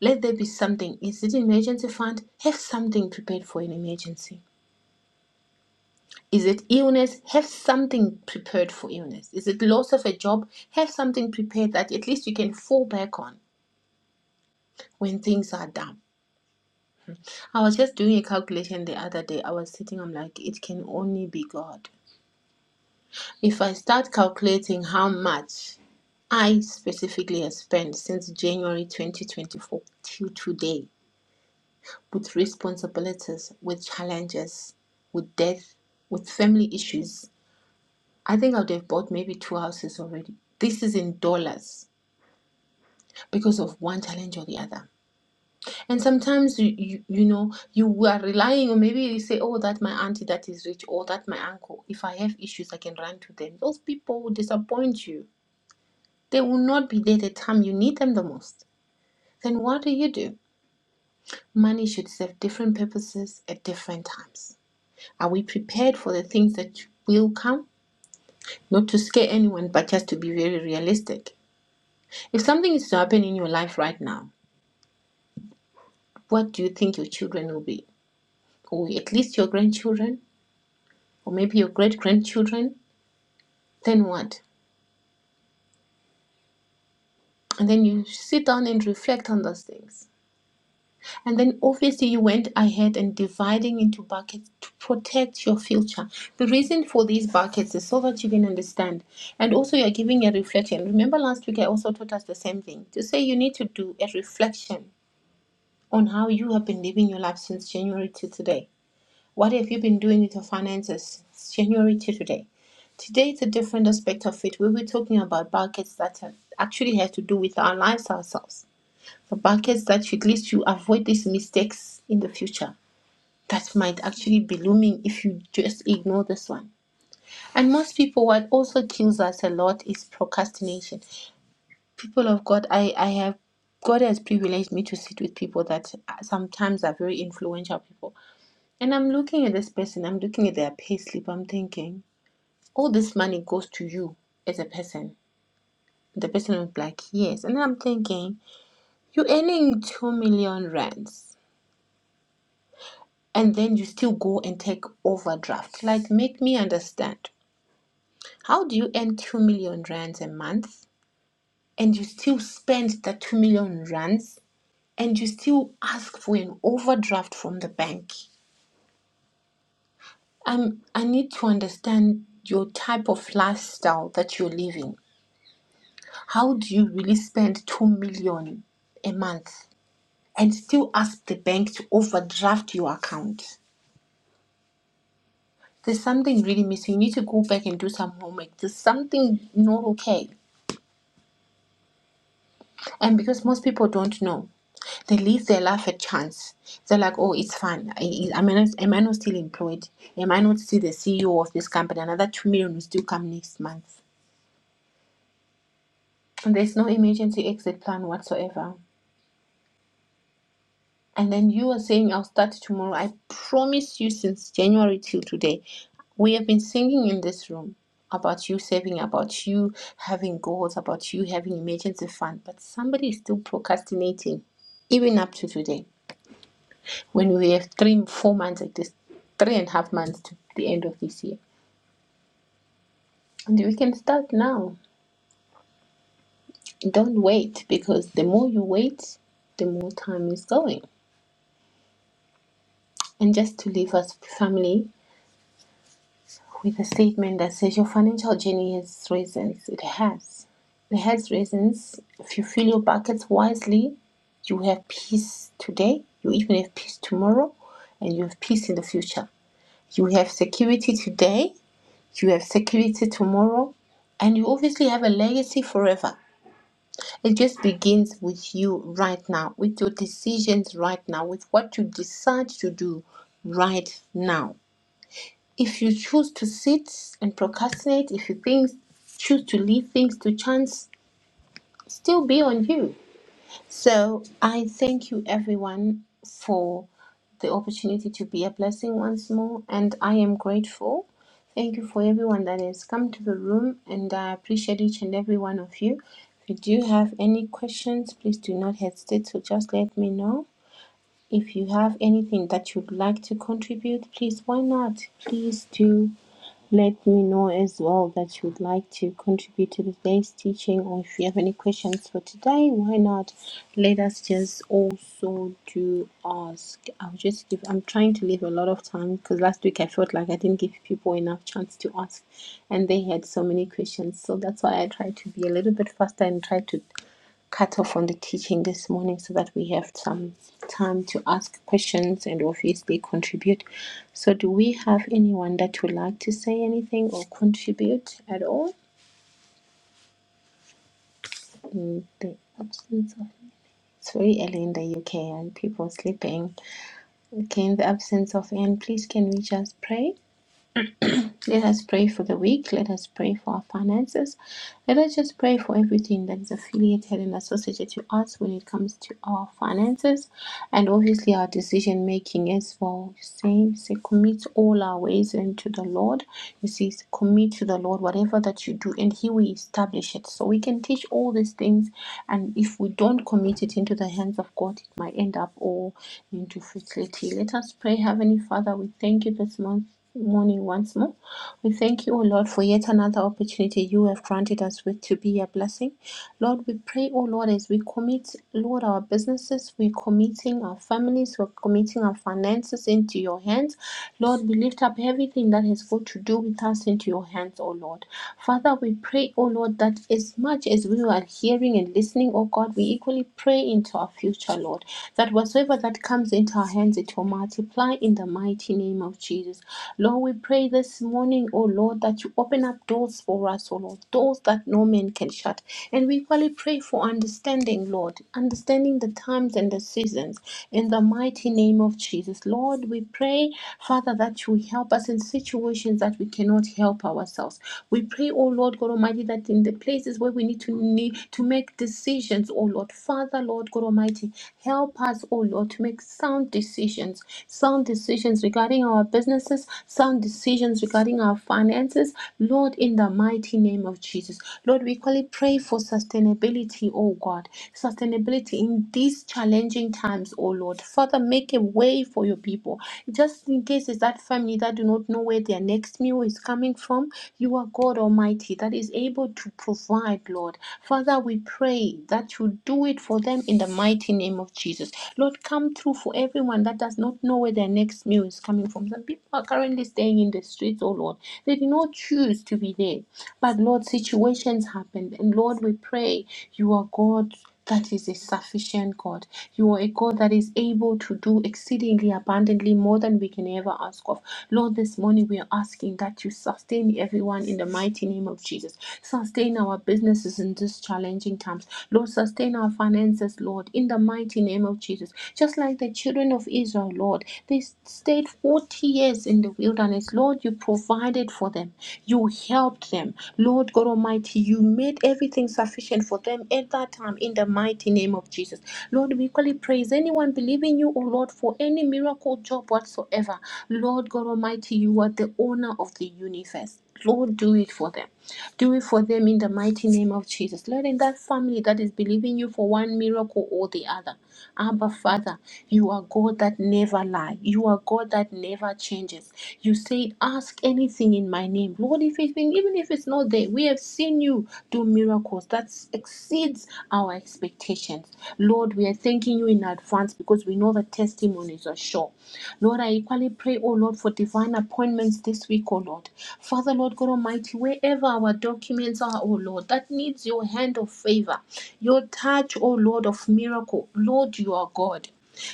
A: Let there be something. Is it an emergency fund? Have something prepared for an emergency. Is it illness? Have something prepared for illness. Is it loss of a job? Have something prepared that at least you can fall back on when things are down I was just doing a calculation the other day. I was sitting, I'm like, it can only be God. If I start calculating how much I specifically have spent since January 2024 till today with responsibilities, with challenges, with death, with family issues, I think I would have bought maybe two houses already. This is in dollars because of one challenge or the other. And sometimes you, you you know you are relying or maybe you say, Oh, that my auntie that is rich or that my uncle. If I have issues I can run to them. Those people will disappoint you. They will not be there the time you need them the most. Then what do you do? Money should serve different purposes at different times. Are we prepared for the things that will come? Not to scare anyone, but just to be very realistic. If something is to happen in your life right now, what do you think your children will be? Or at least your grandchildren? or maybe your great grandchildren, then what? And then you sit down and reflect on those things. And then obviously you went ahead and dividing into buckets to protect your future. The reason for these buckets is so that you can understand. And also you're giving a reflection. Remember last week I also taught us the same thing. To say you need to do a reflection on how you have been living your life since January to today. What have you been doing with your finances since January to today? Today it's a different aspect of it. We will be talking about buckets that actually have to do with our lives ourselves. The buckets that should at least you avoid these mistakes in the future that might actually be looming if you just ignore this one. And most people, what also kills us a lot is procrastination. People of God, I, I have God has privileged me to sit with people that uh, sometimes are very influential people and I'm looking at this person, I'm looking at their payslip. I'm thinking, all this money goes to you as a person. The person was like, yes. And then I'm thinking, you're earning 2 million rands and then you still go and take overdraft. Like, make me understand. How do you earn 2 million rands a month and you still spend that 2 million rands and you still ask for an overdraft from the bank? I'm, I need to understand your type of lifestyle that you're living How do you really spend 2 million dollars a month and still ask the bank to overdraft your account? There's something really missing. You need to go back and do some homework. There's something not okay. And because most people don't know, they leave their life a chance. They're like, oh, it's fun. I, I, am, I not, am I not still employed? Am I not still the CEO of this company? Another 2 million will still come next month. And there's no emergency exit plan whatsoever. And then you are saying, I'll start tomorrow. I promise you, since January till today, we have been singing in this room about you saving, about you having goals, about you having emergency fund. But somebody is still procrastinating, even up to today, when we have three, four months like this, three and a half months to the end of this year. And we can start now. Don't wait, because the more you wait, the more time is going. And just to leave us, family, with a statement that says your financial journey has reasons. It has. It has reasons. If you fill your buckets wisely, you have peace today, you even have peace tomorrow, and you have peace in the future. You have security today, you have security tomorrow, and you obviously have a legacy forever. It just begins with you right now, with your decisions right now, with what you decide to do right now. If you choose to sit and procrastinate, if you think, choose to leave things to chance, still be on you. So I thank you, everyone, for the opportunity to be a blessing once more, and I am grateful. Thank you for everyone that has come to the room, and I appreciate each and every one of you. If you do have any questions, please do not hesitate to just let me know. If you have anything that you'd like to contribute, please, why not? Please do let me know as well that you would like to contribute to today's teaching or if you have any questions for today why not let us just also do ask i'll just give i'm trying to leave a lot of time because last week i felt like i didn't give people enough chance to ask and they had so many questions so that's why i try to be a little bit faster and try to cut off on the teaching this morning so that we have some time to ask questions and obviously contribute. So, do we have anyone that would like to say anything or contribute at all in the absence of? It's very early in the UK and people sleeping. Okay, in the absence of Anne, please can we just pray? Let us pray for the weak. Let us pray for our finances. Let us just pray for everything that is affiliated and associated to us when it comes to our finances and obviously our decision making as well. You say, you say, commit all our ways unto the Lord. You see, commit to the Lord whatever that you do, and He will establish it. So we can teach all these things, and if we don't commit it into the hands of God, it might end up all into futility. Let us pray, Heavenly Father. We thank you this month morning once more. We thank you, O Lord, for yet another opportunity you have granted us with to be a blessing. Lord, we pray, O Lord, as we commit, Lord, our businesses, we're committing our families, we're committing our finances into your hands. Lord, we lift up everything that has got to do with us into your hands, O Lord. Father, we pray, O Lord, that as much as we are hearing and listening, O God, we equally pray into our future, Lord, that whatsoever that comes into our hands, it will multiply in the mighty name of Jesus. Lord, we pray this morning, oh Lord, that you open up doors for us, oh Lord, doors that no man can shut. And we equally pray for understanding, Lord, understanding the times and the seasons in the mighty name of Jesus. Lord, we pray, Father, that you help us in situations that we cannot cannot help ourselves. We pray, oh Lord God Almighty, that in the places where we need to need to make decisions, oh Lord, Father, Lord God Almighty, help us, oh Lord, to make sound decisions, sound decisions regarding our businesses, sound decisions regarding our finances, Lord, in the mighty name of Jesus. Lord, we call it pray for sustainability, oh God, sustainability in these challenging challenging times, oh Lord. Father, make a way for your people. Just in case it's that family that do not know where their next meal is coming from, you are God Almighty that is able to provide, Lord. Father, we pray that you do it for them in the mighty name of Jesus. Lord, come through for everyone that does not know where their next meal is coming from. Some people are currently staying in the streets, oh Lord. They did not choose to be there. But Lord, situations happened. And Lord, we pray you are God that is a sufficient God. You are a God that is able to do exceedingly abundantly more than we can ever ask of. Lord, this morning we are asking that you sustain everyone in the mighty name of Jesus. Sustain our businesses in these challenging times. Lord, sustain our finances, Lord, in the mighty name of Jesus. Just like the children of Israel, Lord, they stayed 40 years in the wilderness. Lord, you provided for them. You helped them. Lord God Almighty, you made everything sufficient for them at that time in the mighty name of Jesus. Lord, we equally praise anyone believing you, O Lord, for any miracle job whatsoever. Lord God Almighty, you are the owner of the universe. Lord, do it for them. Do it for them in the mighty name of Jesus. Lord, in that family that is believing you for one miracle or the other, Abba Father, you are God that never lie. You are God that never changes. You say, ask anything in my name. Lord, if it's been, even if it's not there, we have seen you do miracles that exceeds our expectations. Lord, we are thanking you in advance because we know the testimonies are sure. Lord, I equally pray, oh Lord, for divine appointments this week, oh Lord. Father, Lord God Almighty, wherever our documents are, oh Lord, that needs your hand of favor, your touch, oh Lord, of miracle. Lord, you are God.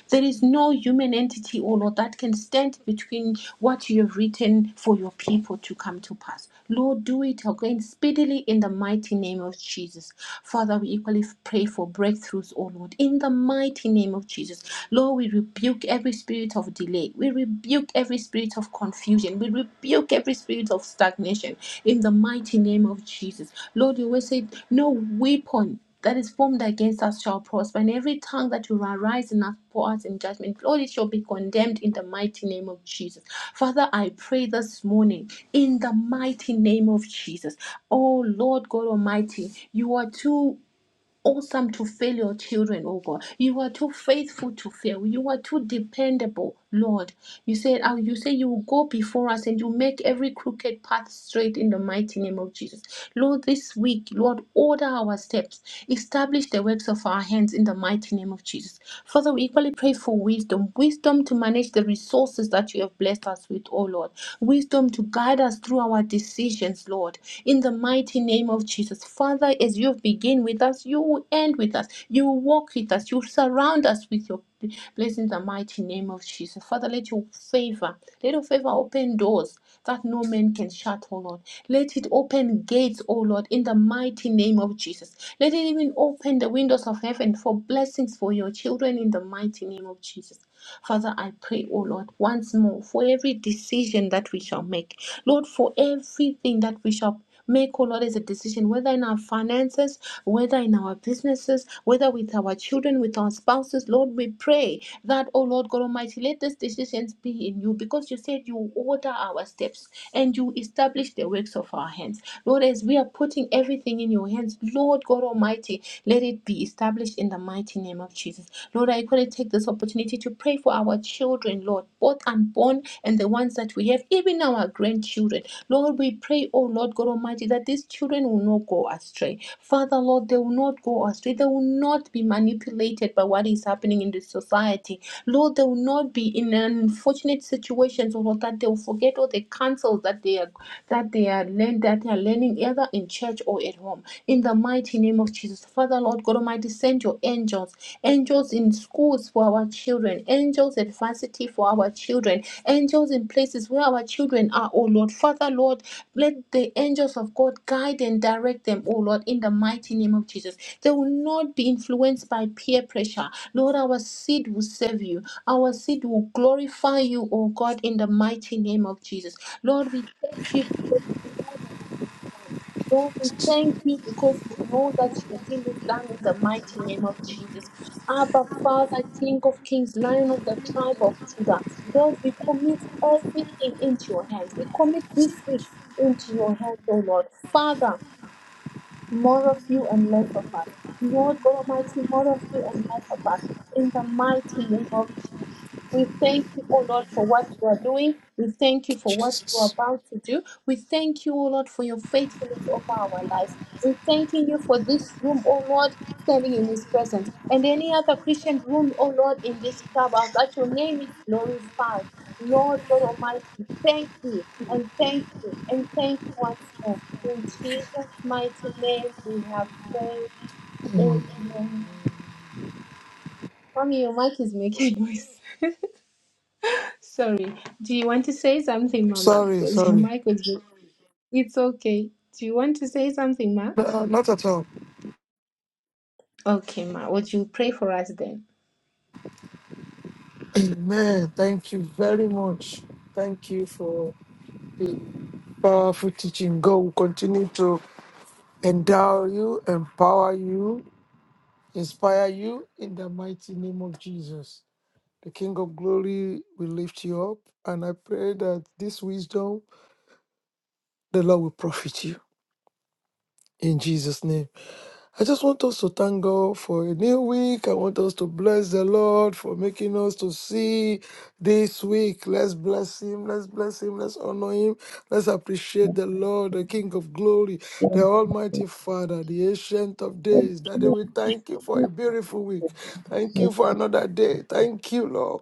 A: There is no human entity, oh Lord, that can stand between what you have written for your people to come to pass. Lord, do it again speedily in the mighty name of Jesus. Father, we equally pray for breakthroughs, oh Lord, in the mighty name of Jesus. Lord, we rebuke every spirit of delay. We rebuke every spirit of confusion. We rebuke every spirit of stagnation in the mighty name of Jesus. Lord, you will say, No weapon that is formed against us shall prosper, and every tongue that will arise in us for us in judgment, Lord, it shall be condemned in the mighty name of Jesus. Father, I pray this morning in the mighty name of Jesus. Oh Lord God Almighty, you are too awesome to fail your children, oh God. You are too faithful to fail. You are too dependable, Lord. You said, oh, you say you will go before us and you make every crooked path straight in the mighty name of Jesus. Lord, this week, Lord, order our steps. Establish the works of our hands in the mighty name of Jesus. Father, we equally pray for wisdom, wisdom to manage the resources that you have blessed us with, oh Lord. Wisdom to guide us through our through our decisions, Lord. In the mighty name of Jesus. Father, as you begin with us, you will end with us. You will walk with us. You will surround us with your blessings in the mighty name of Jesus. Father, let your favor, let your favor open doors that no man can shut, oh Lord. Let it open gates, oh Lord, in the mighty name of Jesus. Let it even open the windows of heaven for blessings for your children in the mighty name of Jesus. Father, I pray, oh Lord, once more for every decision that we shall make. Lord, for everything that we shall make, oh Lord, as a decision, whether in our finances, whether in our businesses, whether with our children, with our spouses, Lord, we pray that, oh Lord God Almighty, let these decisions be in you because you said you order our steps and you establish the works of our hands. Lord, as we are putting everything in your hands, Lord God Almighty, let it be established in the mighty name name of Jesus. Lord, I going to take this opportunity to pray for our children, Lord, both unborn and the ones that we have, even our grandchildren. Lord, we pray, oh Lord God Almighty, that these children will not go astray. Father, Lord, they will not go astray. They will not be manipulated by what is happening in the society. Lord, they will not be in unfortunate situations, oh Lord, that they will forget all the counsels that they are that they are learn that they are learning either in church or at home. In the mighty name of of Jesus. Father, Lord God Almighty, send your angels, angels in schools for our children, angels at varsity for our children, angels in places where our children are, oh Lord. Father, Lord, let the angels of God guide and direct them, oh Lord, in the mighty name of Jesus. They will not be influenced by peer pressure. Lord, our seed will serve you. Our seed will glorify you, oh God, in the mighty name of Jesus. Lord, we thank you because we know that it is done. Lord, we thank you because we know that your will is done in the mighty name of Jesus. Abba, Father, King of Kings, Lion of the tribe of Judah. Lord, we commit everything into your hands. We commit this week into your hands, O Lord. Father, more of you and less of us. Lord God Almighty, more of you and less of us. In the mighty name of Jesus. We thank you, O Lord, for what you are doing. We thank you for what you are
B: Jesus.
A: about to do. We thank you, O Lord, for your faithfulness over our lives. We thank you for this room, O Lord standing in His presence. And any other Christian room, oh Lord, in this clubhouse, that your name is glorified. Lord God Almighty, thank you and thank you and thank you once more. In Jesus' mighty name, we have prayed. Amen. Mommy, your mic is making noise. Sorry. Do you want to say something, Mama?
B: Sorry,
A: Because your
B: sorry.
A: mic was. It's okay. Do you want to say something, Ma?
B: No, no, not at all.
A: Okay, Ma. Would you pray for us then?
B: Amen. Thank you very much. Thank you for the powerful teaching. God will continue to endow you, empower you, inspire you in the mighty name of Jesus. The King of Glory will lift you up. And I pray that this wisdom, the Lord will profit you in Jesus' name. I just want us to thank God for a new week. I want us to bless the Lord for making us to see this week. Let's bless Him. Let's bless Him. Let's honor Him. Let's appreciate the Lord, the King of glory, the Almighty Father, the Ancient of Days. Daddy, we thank you for a beautiful week. Thank
C: Yes,
B: you
C: yes,
B: for another day. Thank you, Lord.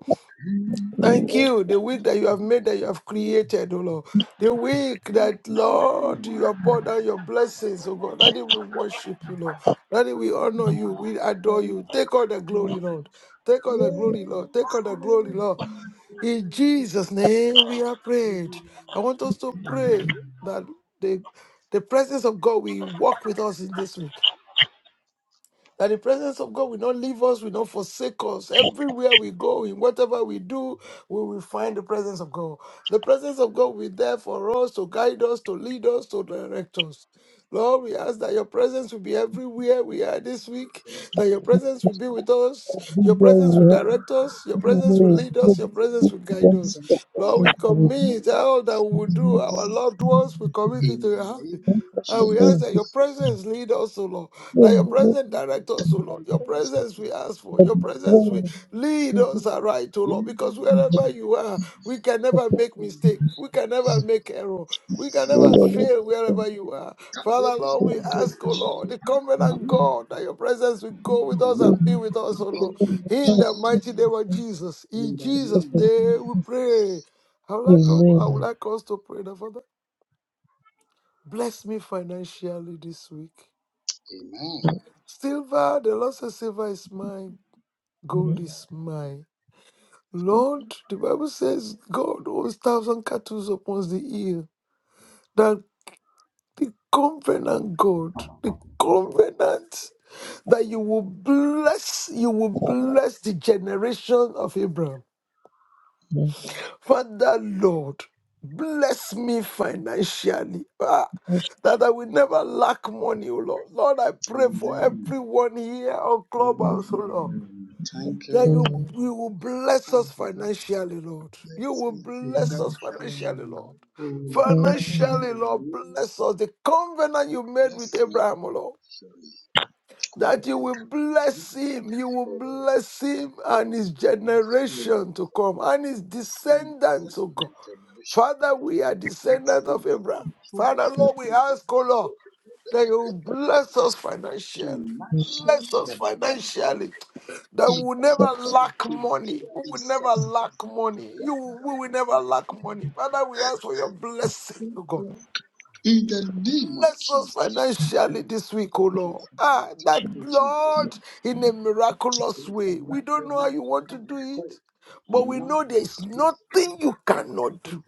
B: Thank you. The week that you have made, that you have created, oh Lord. The week that, Lord, you have poured out your blessings, oh God. That we worship you, Lord. That we honor you. We adore you. Take all the glory, Lord. Take all the glory, Lord. Take all the glory, Lord. In Jesus' name we are prayed. I want us to
D: Mhm.
B: pray that the, the presence of God will walk with us in this week. That the presence of God will not leave us, will not forsake us. Everywhere we go, in whatever we do, we will find the presence of God. The presence of God will be there for us to guide us, to lead us, to direct us. Lord, we ask that your presence will be everywhere we are this week, that your presence will be with us, your presence will direct us, your presence will lead us, your presence will guide us. Lord, we commit all that we will do, our loved ones, we commit it to
C: in
B: your
C: the
B: hand.
C: name of
B: And we ask that your
C: Jesus.
B: presence lead us, O Lord. That your presence direct us, O Lord. Your presence we ask for. Your presence we lead us aright, O Lord.
C: In the
B: Because wherever
C: name
B: you are, we can never make mistake. We can never make
C: of
B: error. We can never
C: Jesus.
B: fail wherever you are.
C: In
B: Father, Lord, we
C: the
B: ask, O Lord, the covenant God, that your presence will go with us and be with us, O Lord. In the mighty name of Jesus. In Jesus'
C: name of
B: name we pray.
C: Jesus.
B: I would like, to, I would like us to pray that, Father, bless me financially this week.
C: Amen.
B: Silver, the Lord says, Silver is mine, gold is mine. Lord, the Bible says, God owns thousand cattle upon the hill. That the covenant God, the covenant that you will bless, you will bless the generation of Abraham. Father, Lord, bless me financially. Ah, that I will never lack money, oh Lord. Lord, I pray for
C: Amen.
B: everyone here on
C: Heavenly
B: Clubhouse, oh
C: Father,
B: Lord.
C: we thank
B: that
C: you.
B: you, you will bless us
C: And Papa,
B: financially, Lord. You
C: let's
B: will
C: give you
B: bless
C: that
B: us financially,
C: glory,
B: Lord.
C: O Lord. In
B: Financially,
C: the
B: Lord,
C: name,
B: bless us. The covenant you made
C: bless
B: with
C: me.
B: Abraham, O Lord
C: Surely,
B: that
C: kuweka
B: you will bless
C: kifungo
B: him. You will
C: katika orodha
B: bless him and his
C: ya
B: generation
C: wasiolipwa
B: to come and his
C: si
B: descendants,
C: black
B: oh God.
C: man generation
B: Father, we are descendants
C: Listening,
B: of Abraham.
C: listening, true,
B: Father, Lord, we
C: listening, listening,
B: ask, oh
C: good,
B: Lord,
C: good, good,
B: that
C: good,
B: you
C: good, good,
B: bless us financially. Bless
C: Financially,
B: us
C: the Lord
B: financially. That we will never
C: equips with
B: lack money.
C: financial
B: We will never
C: resources.
B: lack money. You,
C: God, I
B: we will never lack
C: thank
B: money. Father, we ask for your blessing, oh God.
C: you. In the name of
B: Bless us
C: Jesus.
B: financially this week, oh
C: Thank you,
B: Lord. Ah,
C: Father. Thank
B: that
C: you, Jesus.
B: Lord, in a
C: Thank
B: miraculous
C: you,
B: way.
C: Lord.
B: We
C: Thank
B: don't
C: you,
B: know how you
C: thank you,
B: want to do
C: thank
B: it, but we
C: Now,
B: know there's
C: yes, we come
B: nothing you cannot
C: to
B: do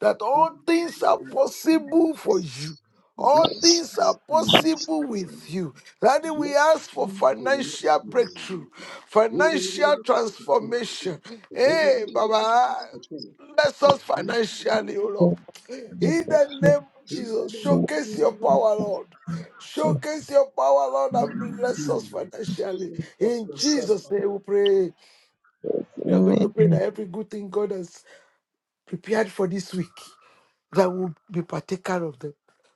B: that all things are
C: in the name of
B: possible for you.
C: Jesus.
B: All
C: Bless
B: things
C: me,
B: are
C: release
B: possible with
C: me.
B: you. Daddy, we
C: Let
B: ask for
C: me
B: financial
C: see.
B: breakthrough, financial transformation. Hey, Baba, bless us financially, O Lord. In the name of Jesus, showcase your power, Lord. Showcase your power, Lord, and bless us financially.
C: Show forth
B: In
C: yourself.
B: Jesus' name, we pray. We are going to pray that every good thing God has prepared for this week that will be partaker of them.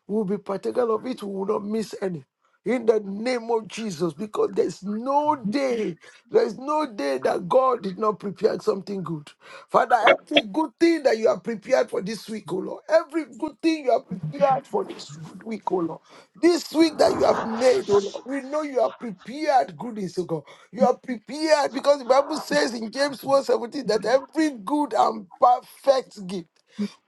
B: We will be partaker of it. We will not miss any. In the name of Jesus, because there's no day, there's no day that God did not prepare something good. Father, every good thing that you have prepared for this week, O Lord, every good thing you have prepared for this good week, O Lord, this week that you have made, O Lord, we know you have prepared goodness, O God. You are prepared because the Bible says in James one seventeen that every good and perfect gift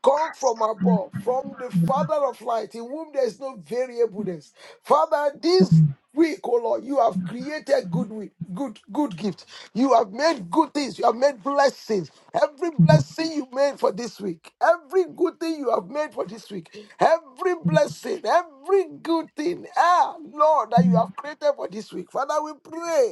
B: come from above, from the Father of light, in whom there is no variableness. Father, this week, oh Lord, you have created good wi- good good gift. You have made good things. You have made blessings. Every blessing you made for this week, every good good thing you have made for this week, every blessing, every good thing, ah, Lord, that you have created for this week. Father, we pray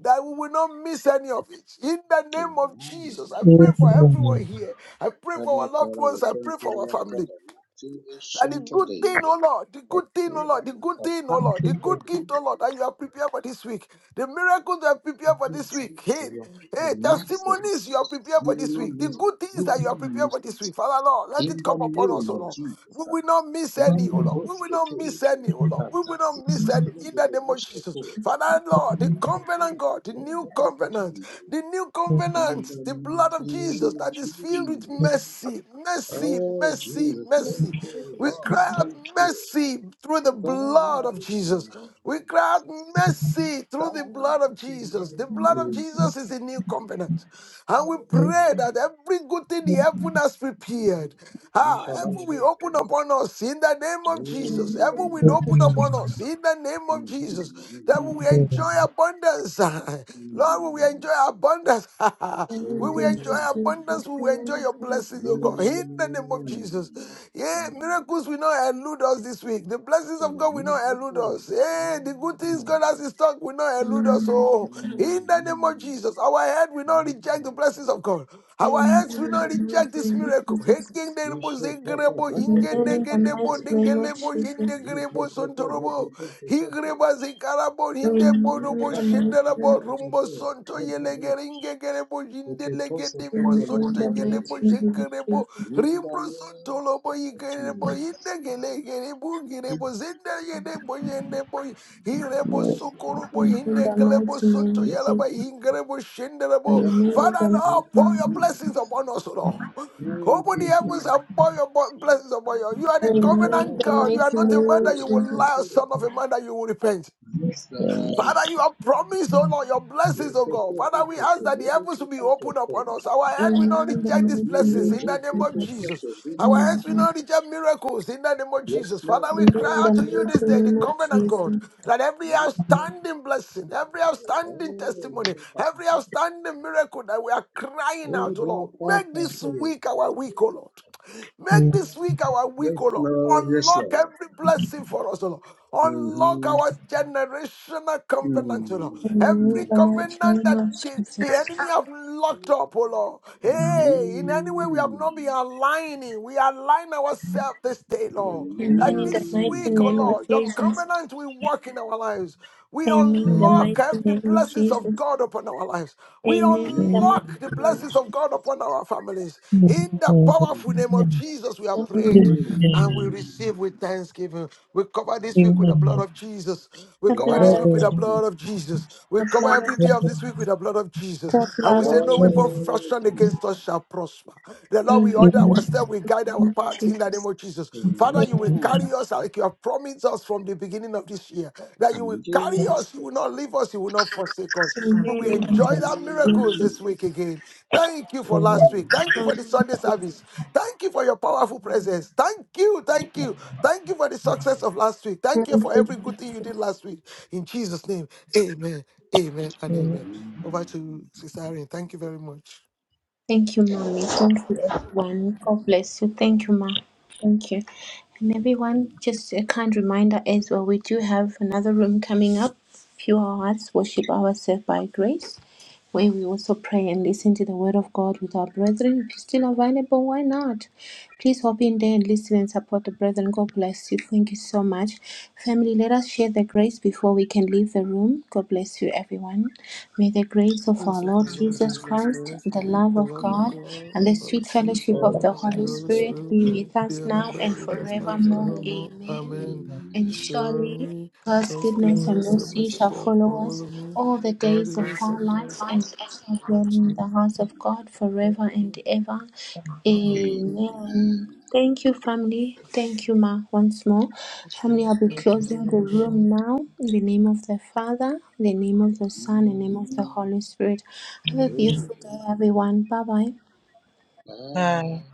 B: that we will not miss any of it. In the name of
C: Amen.
B: Jesus, I pray for everyone here. I pray for
C: Heavenly
B: our loved
C: Father, we
B: ones. I
C: thank
B: pray
C: you,
B: for our
C: Lord God
B: family.
C: Almighty,
B: That the
C: ancient of
B: good
C: days,
B: thing, oh Lord, the
C: that
B: good thing, oh
C: you
B: Lord, the good
C: are a
B: thing, oh Lord, the
C: package of
B: good gift,
C: good
B: oh Lord, that you have prepared for this week, the miracles you have prepared for this
C: things
B: week,
C: The
B: hey,
C: your
B: hey,
C: marks of
B: testimonies you have
C: us.
B: prepared
C: You
B: for this
C: will not
B: week, the
C: lose it.
B: good
C: We
B: things
C: will
B: that you
C: not
B: have prepared
C: miss
B: for this
C: it.
B: week, Father Lord, let
C: In
B: it
C: the
B: come upon
C: name
B: us, oh
C: of
B: Lord. We
C: Jesus, uh,
B: will not miss any,
C: when
B: oh
C: the
B: Lord. We
C: boats
B: will
C: get
B: not
C: in,
B: miss any, oh Lord. We will
C: fantastic,
B: not miss any
C: certainly
B: in
C: the city of
B: the
C: the
B: name of
C: bush get
B: Jesus.
C: in,
B: Father Lord,
C: we
B: the
C: can
B: covenant
C: fly,
B: God, the
C: let
B: new
C: the
B: covenant,
C: catering.
B: the the new
C: In
B: covenant,
C: the
B: the blood of Jesus
C: name of
B: that is filled with
C: Jesus.
B: mercy, mercy,
C: Oh,
B: mercy,
C: Jesus,
A: Lord,
C: thank
B: mercy.
C: you,
B: We
A: it's
C: Lord,
B: cry
A: Jesus.
B: out
C: thank you.
B: mercy through the
C: Thank you,
B: blood of Jesus.
C: Lord
B: We cry out
C: Jesus.
B: mercy through the blood of
C: Thank you,
B: Jesus. The blood of
C: Lord
B: Jesus is the new covenant. And we
C: Jesus.
B: pray that every good thing the heaven has prepared.
C: In
B: Ah, heaven will
C: Ishabalaboske.
B: open upon us in the name of Jesus. Heaven will open
C: Amen.
B: upon us in the name of
C: Mhm,
B: Jesus. That we will
C: mhm,
B: enjoy abundance. Lord, we will
C: mhm.
B: enjoy abundance.
C: Amen.
B: we
A: Oh,
C: Amen.
B: will
A: thank
B: enjoy
A: you, Jesus.
B: abundance. We will enjoy your blessings, oh
C: Amen.
B: God. In the name of Jesus. Yeah, miracles will not elude us this week. The blessings of God will not elude us. Hey, the good things God has
C: Amen.
B: in stock will not elude us. Oh, in the name of Jesus, our head will not reject the blessings of God.
A: Amen.
B: Our
A: In the
B: hands will not reject
A: mighty
B: this
A: name of
B: miracle.
A: Jesus.
B: Hekenderebo, zegrebo,
A: Amen. In the
B: hingedegelebo,
A: mighty name of
B: dengelebo,
A: Jesus.
B: hindegrebo, sontorobo. Higreba, zekarabo, hindebo,
A: Amen.
B: robo, shenderebo, rumbo, sonto, yelegeringegerebo,
C: Amen.
B: hindelegedebo,
A: In
C: Amen.
B: sonto,
A: the mighty
B: yedebo,
A: name. of Jesus.
B: shekerebo, rimbro, sonto, lobo, yikerebo,
C: Jesus.
B: hindegelegerebo, girebo, zendeyedebo, yendebo, hirebo,
C: Yes, Lord.
B: sokorobo,
A: Amen. In the
B: hindekelebo,
A: mighty name
B: sonto,
A: of
C: Yes,
B: yalaba,
C: Lord.
A: Jesus.
B: hingerebo, shenderebo,
C: Yes,
A: Amen. In
C: Lord.
B: Father, now
C: Thank you,
B: pour your
A: the
B: blessings
C: Jesus.
B: upon us, O Lord.
C: Thank you,
B: Open the heavens and
C: Jesus.
B: pour your bo- blessings upon you. You are the
C: You
B: covenant
C: perform
B: God. You are
C: miracles.
A: mighty
B: not a
A: name
B: man
A: of
B: that
C: Fulfill,
B: you will
A: Jesus.
B: lie, or son
C: fulfill.
B: of a man that you will repent.
C: Yes, Lord.
B: Father, you have promised, O Lord, your
C: You
B: blessings, O God.
C: perform
B: Father, we
C: miracles.
B: ask that the
C: Never
B: heavens will be
C: fulfill your
B: opened upon us.
C: promise.
B: Our head will
A: Amen.
B: not
A: In the mighty
B: reject these
A: name. Amen. In the mighty name of Jesus. Amen. In the mighty
C: You will
B: blessings
A: name of
B: in
C: do
B: the name of
A: Jesus.
B: Jesus.
C: miracles. You
B: Our
C: know.
B: hands
A: Amen.
B: will
A: Amen.
B: not reject miracles in the name of
C: Yes,
B: Jesus. Father,
C: Lord.
A: In
B: we cry
A: the mighty
B: out to
A: name
B: you this day,
C: Yes,
B: the
A: of
C: Lord.
B: covenant
A: Jesus.
B: God, that every
C: Yes, Lord.
B: outstanding blessing, every
C: Oh,
B: outstanding testimony, every outstanding miracle that we are crying out to Lord, make this week our week, O Lord. Make this week our week,
C: Yes,
B: O Lord.
C: Lord. Yes,
B: Unlock
C: Lord.
B: every blessing for us, O Lord. Unlock
C: Mm-hmm.
B: our generational covenant, O Lord.
A: Amen. In
C: Mm-hmm.
B: Every
A: the mighty
B: covenant
A: name
B: that
A: of
B: the, the
A: Jesus.
B: enemy have locked up, O Lord. Hey, in any way we have not
C: Mm-hmm.
B: not be aligning. We align ourselves this day, Lord.
A: Amen
B: That
A: in the
B: this
A: mighty
B: week,
C: Mm-hmm.
B: oh
A: name of
B: Lord, your
A: Jesus.
B: covenant will work in our lives. We
A: Amen in the
C: Mm-hmm.
B: unlock
A: mighty
B: the
A: name of
B: blessings of
A: Jesus.
B: God upon our lives. We
A: Amen in the
E: Amen.
A: mighty
B: unlock the
A: name of
B: blessings
C: Mhm.
A: Jesus.
B: of God upon our families.
E: Amen.
B: In the powerful
C: Amen.
B: name of
E: Amen.
B: Jesus, we are prayed
A: Amen.
E: Amen.
B: and we receive with thanksgiving. We cover this week with
C: Amen.
B: the blood
E: Amen.
B: of Jesus. We
A: The
B: cover
A: blood
B: this
E: God
A: of
B: week with the
E: of
C: Lord
E: you,
B: blood of
C: Jesus.
B: Jesus. We
A: the
B: cover
A: blood
B: every
A: of
B: day
E: God of
B: of this
E: you,
B: week with the blood of Jesus.
A: the
B: And
A: blood
B: we say,
A: of
B: No
E: God of
B: weapon
A: Jesus.
C: Lord
B: fashioned
C: Jesus.
B: against us shall shall prosper. The Lord will
A: Amen
E: you.
B: order
A: in the
B: our
A: mighty
E: Amen.
B: step, will guide our
A: name of
B: paths in the
A: Jesus.
B: name of Jesus. Father,
A: Amen
B: you will
C: Amen.
B: carry us like you have promised us from the beginning of this year. That you will
C: Amen.
B: carry
C: Jesus.
B: us, you will not leave us, you will not forsake us.
A: in
B: We will
A: the
B: enjoy
A: mighty
E: Amen.
B: that
A: name
B: miracles
C: Amen.
B: this week again. Thank you for
E: Amen.
B: last
C: Amen.
B: week. Thank you for the Sunday service. Thank you for your powerful presence. Thank you, thank you. Thank you for the success of last week. Thank you
A: of
B: for
A: Jesus.
B: every good thing you did last week. In Jesus' name, amen, amen, and amen.
E: Amen.
B: Over to
C: Amen.
B: Sister Irene. Thank you very much.
A: Thank you, mommy. Thank you, everyone. God bless you. Thank you, ma. Thank you. And everyone, just a kind reminder as well, we do have another room coming up, Pure Hearts, Worship Ourselves by Grace, where we also pray and listen to the Word of God with our brethren. If you're still available, why not? Please hop in there and listen and support the brethren. God bless you. Thank you so much. Family, let us share the grace before we can leave the room. God bless you, everyone. May the grace of our Lord
B: Merciful Lord
A: Jesus
B: Jesus
A: Christ,
B: Christ,
A: the love
B: the
C: Amen.
A: of
B: love of
A: God,
B: God,
A: and the sweet
B: fellowship
A: fellowship of
B: for
A: the
C: Fellowship
B: the
A: Holy
C: of
B: Holy
C: hell.
A: Spirit
B: Spirit,
A: be
C: Amen.
A: with
B: be
A: us
B: and
A: now
B: abide
A: and
C: It
B: with
C: has
B: us
C: not
B: now
A: forevermore.
B: forevermore.
C: evermore.
A: Amen.
B: Amen.
A: And
C: Amen.
A: surely
B: Surely
A: God's
B: God's
A: goodness
C: Amen.
A: and
B: goodness and
A: mercy
B: mercy
A: shall
B: shall
A: follow us
B: follow me
A: all the
B: all the
A: days of
B: days
A: our
B: of my
A: lives, and we shall dwell
B: life.
A: in the house of God forever and ever.
C: Amen.
A: Amen. Thank you, family. Thank you, Ma, once more. Family, I'll be closing the room now. In the name of the Father, in the name of the Son, in the
C: Amen.
A: name of the Holy Spirit. Have a
C: Amen.
A: beautiful day, everyone. Bye bye.
E: Bye.
C: Bye.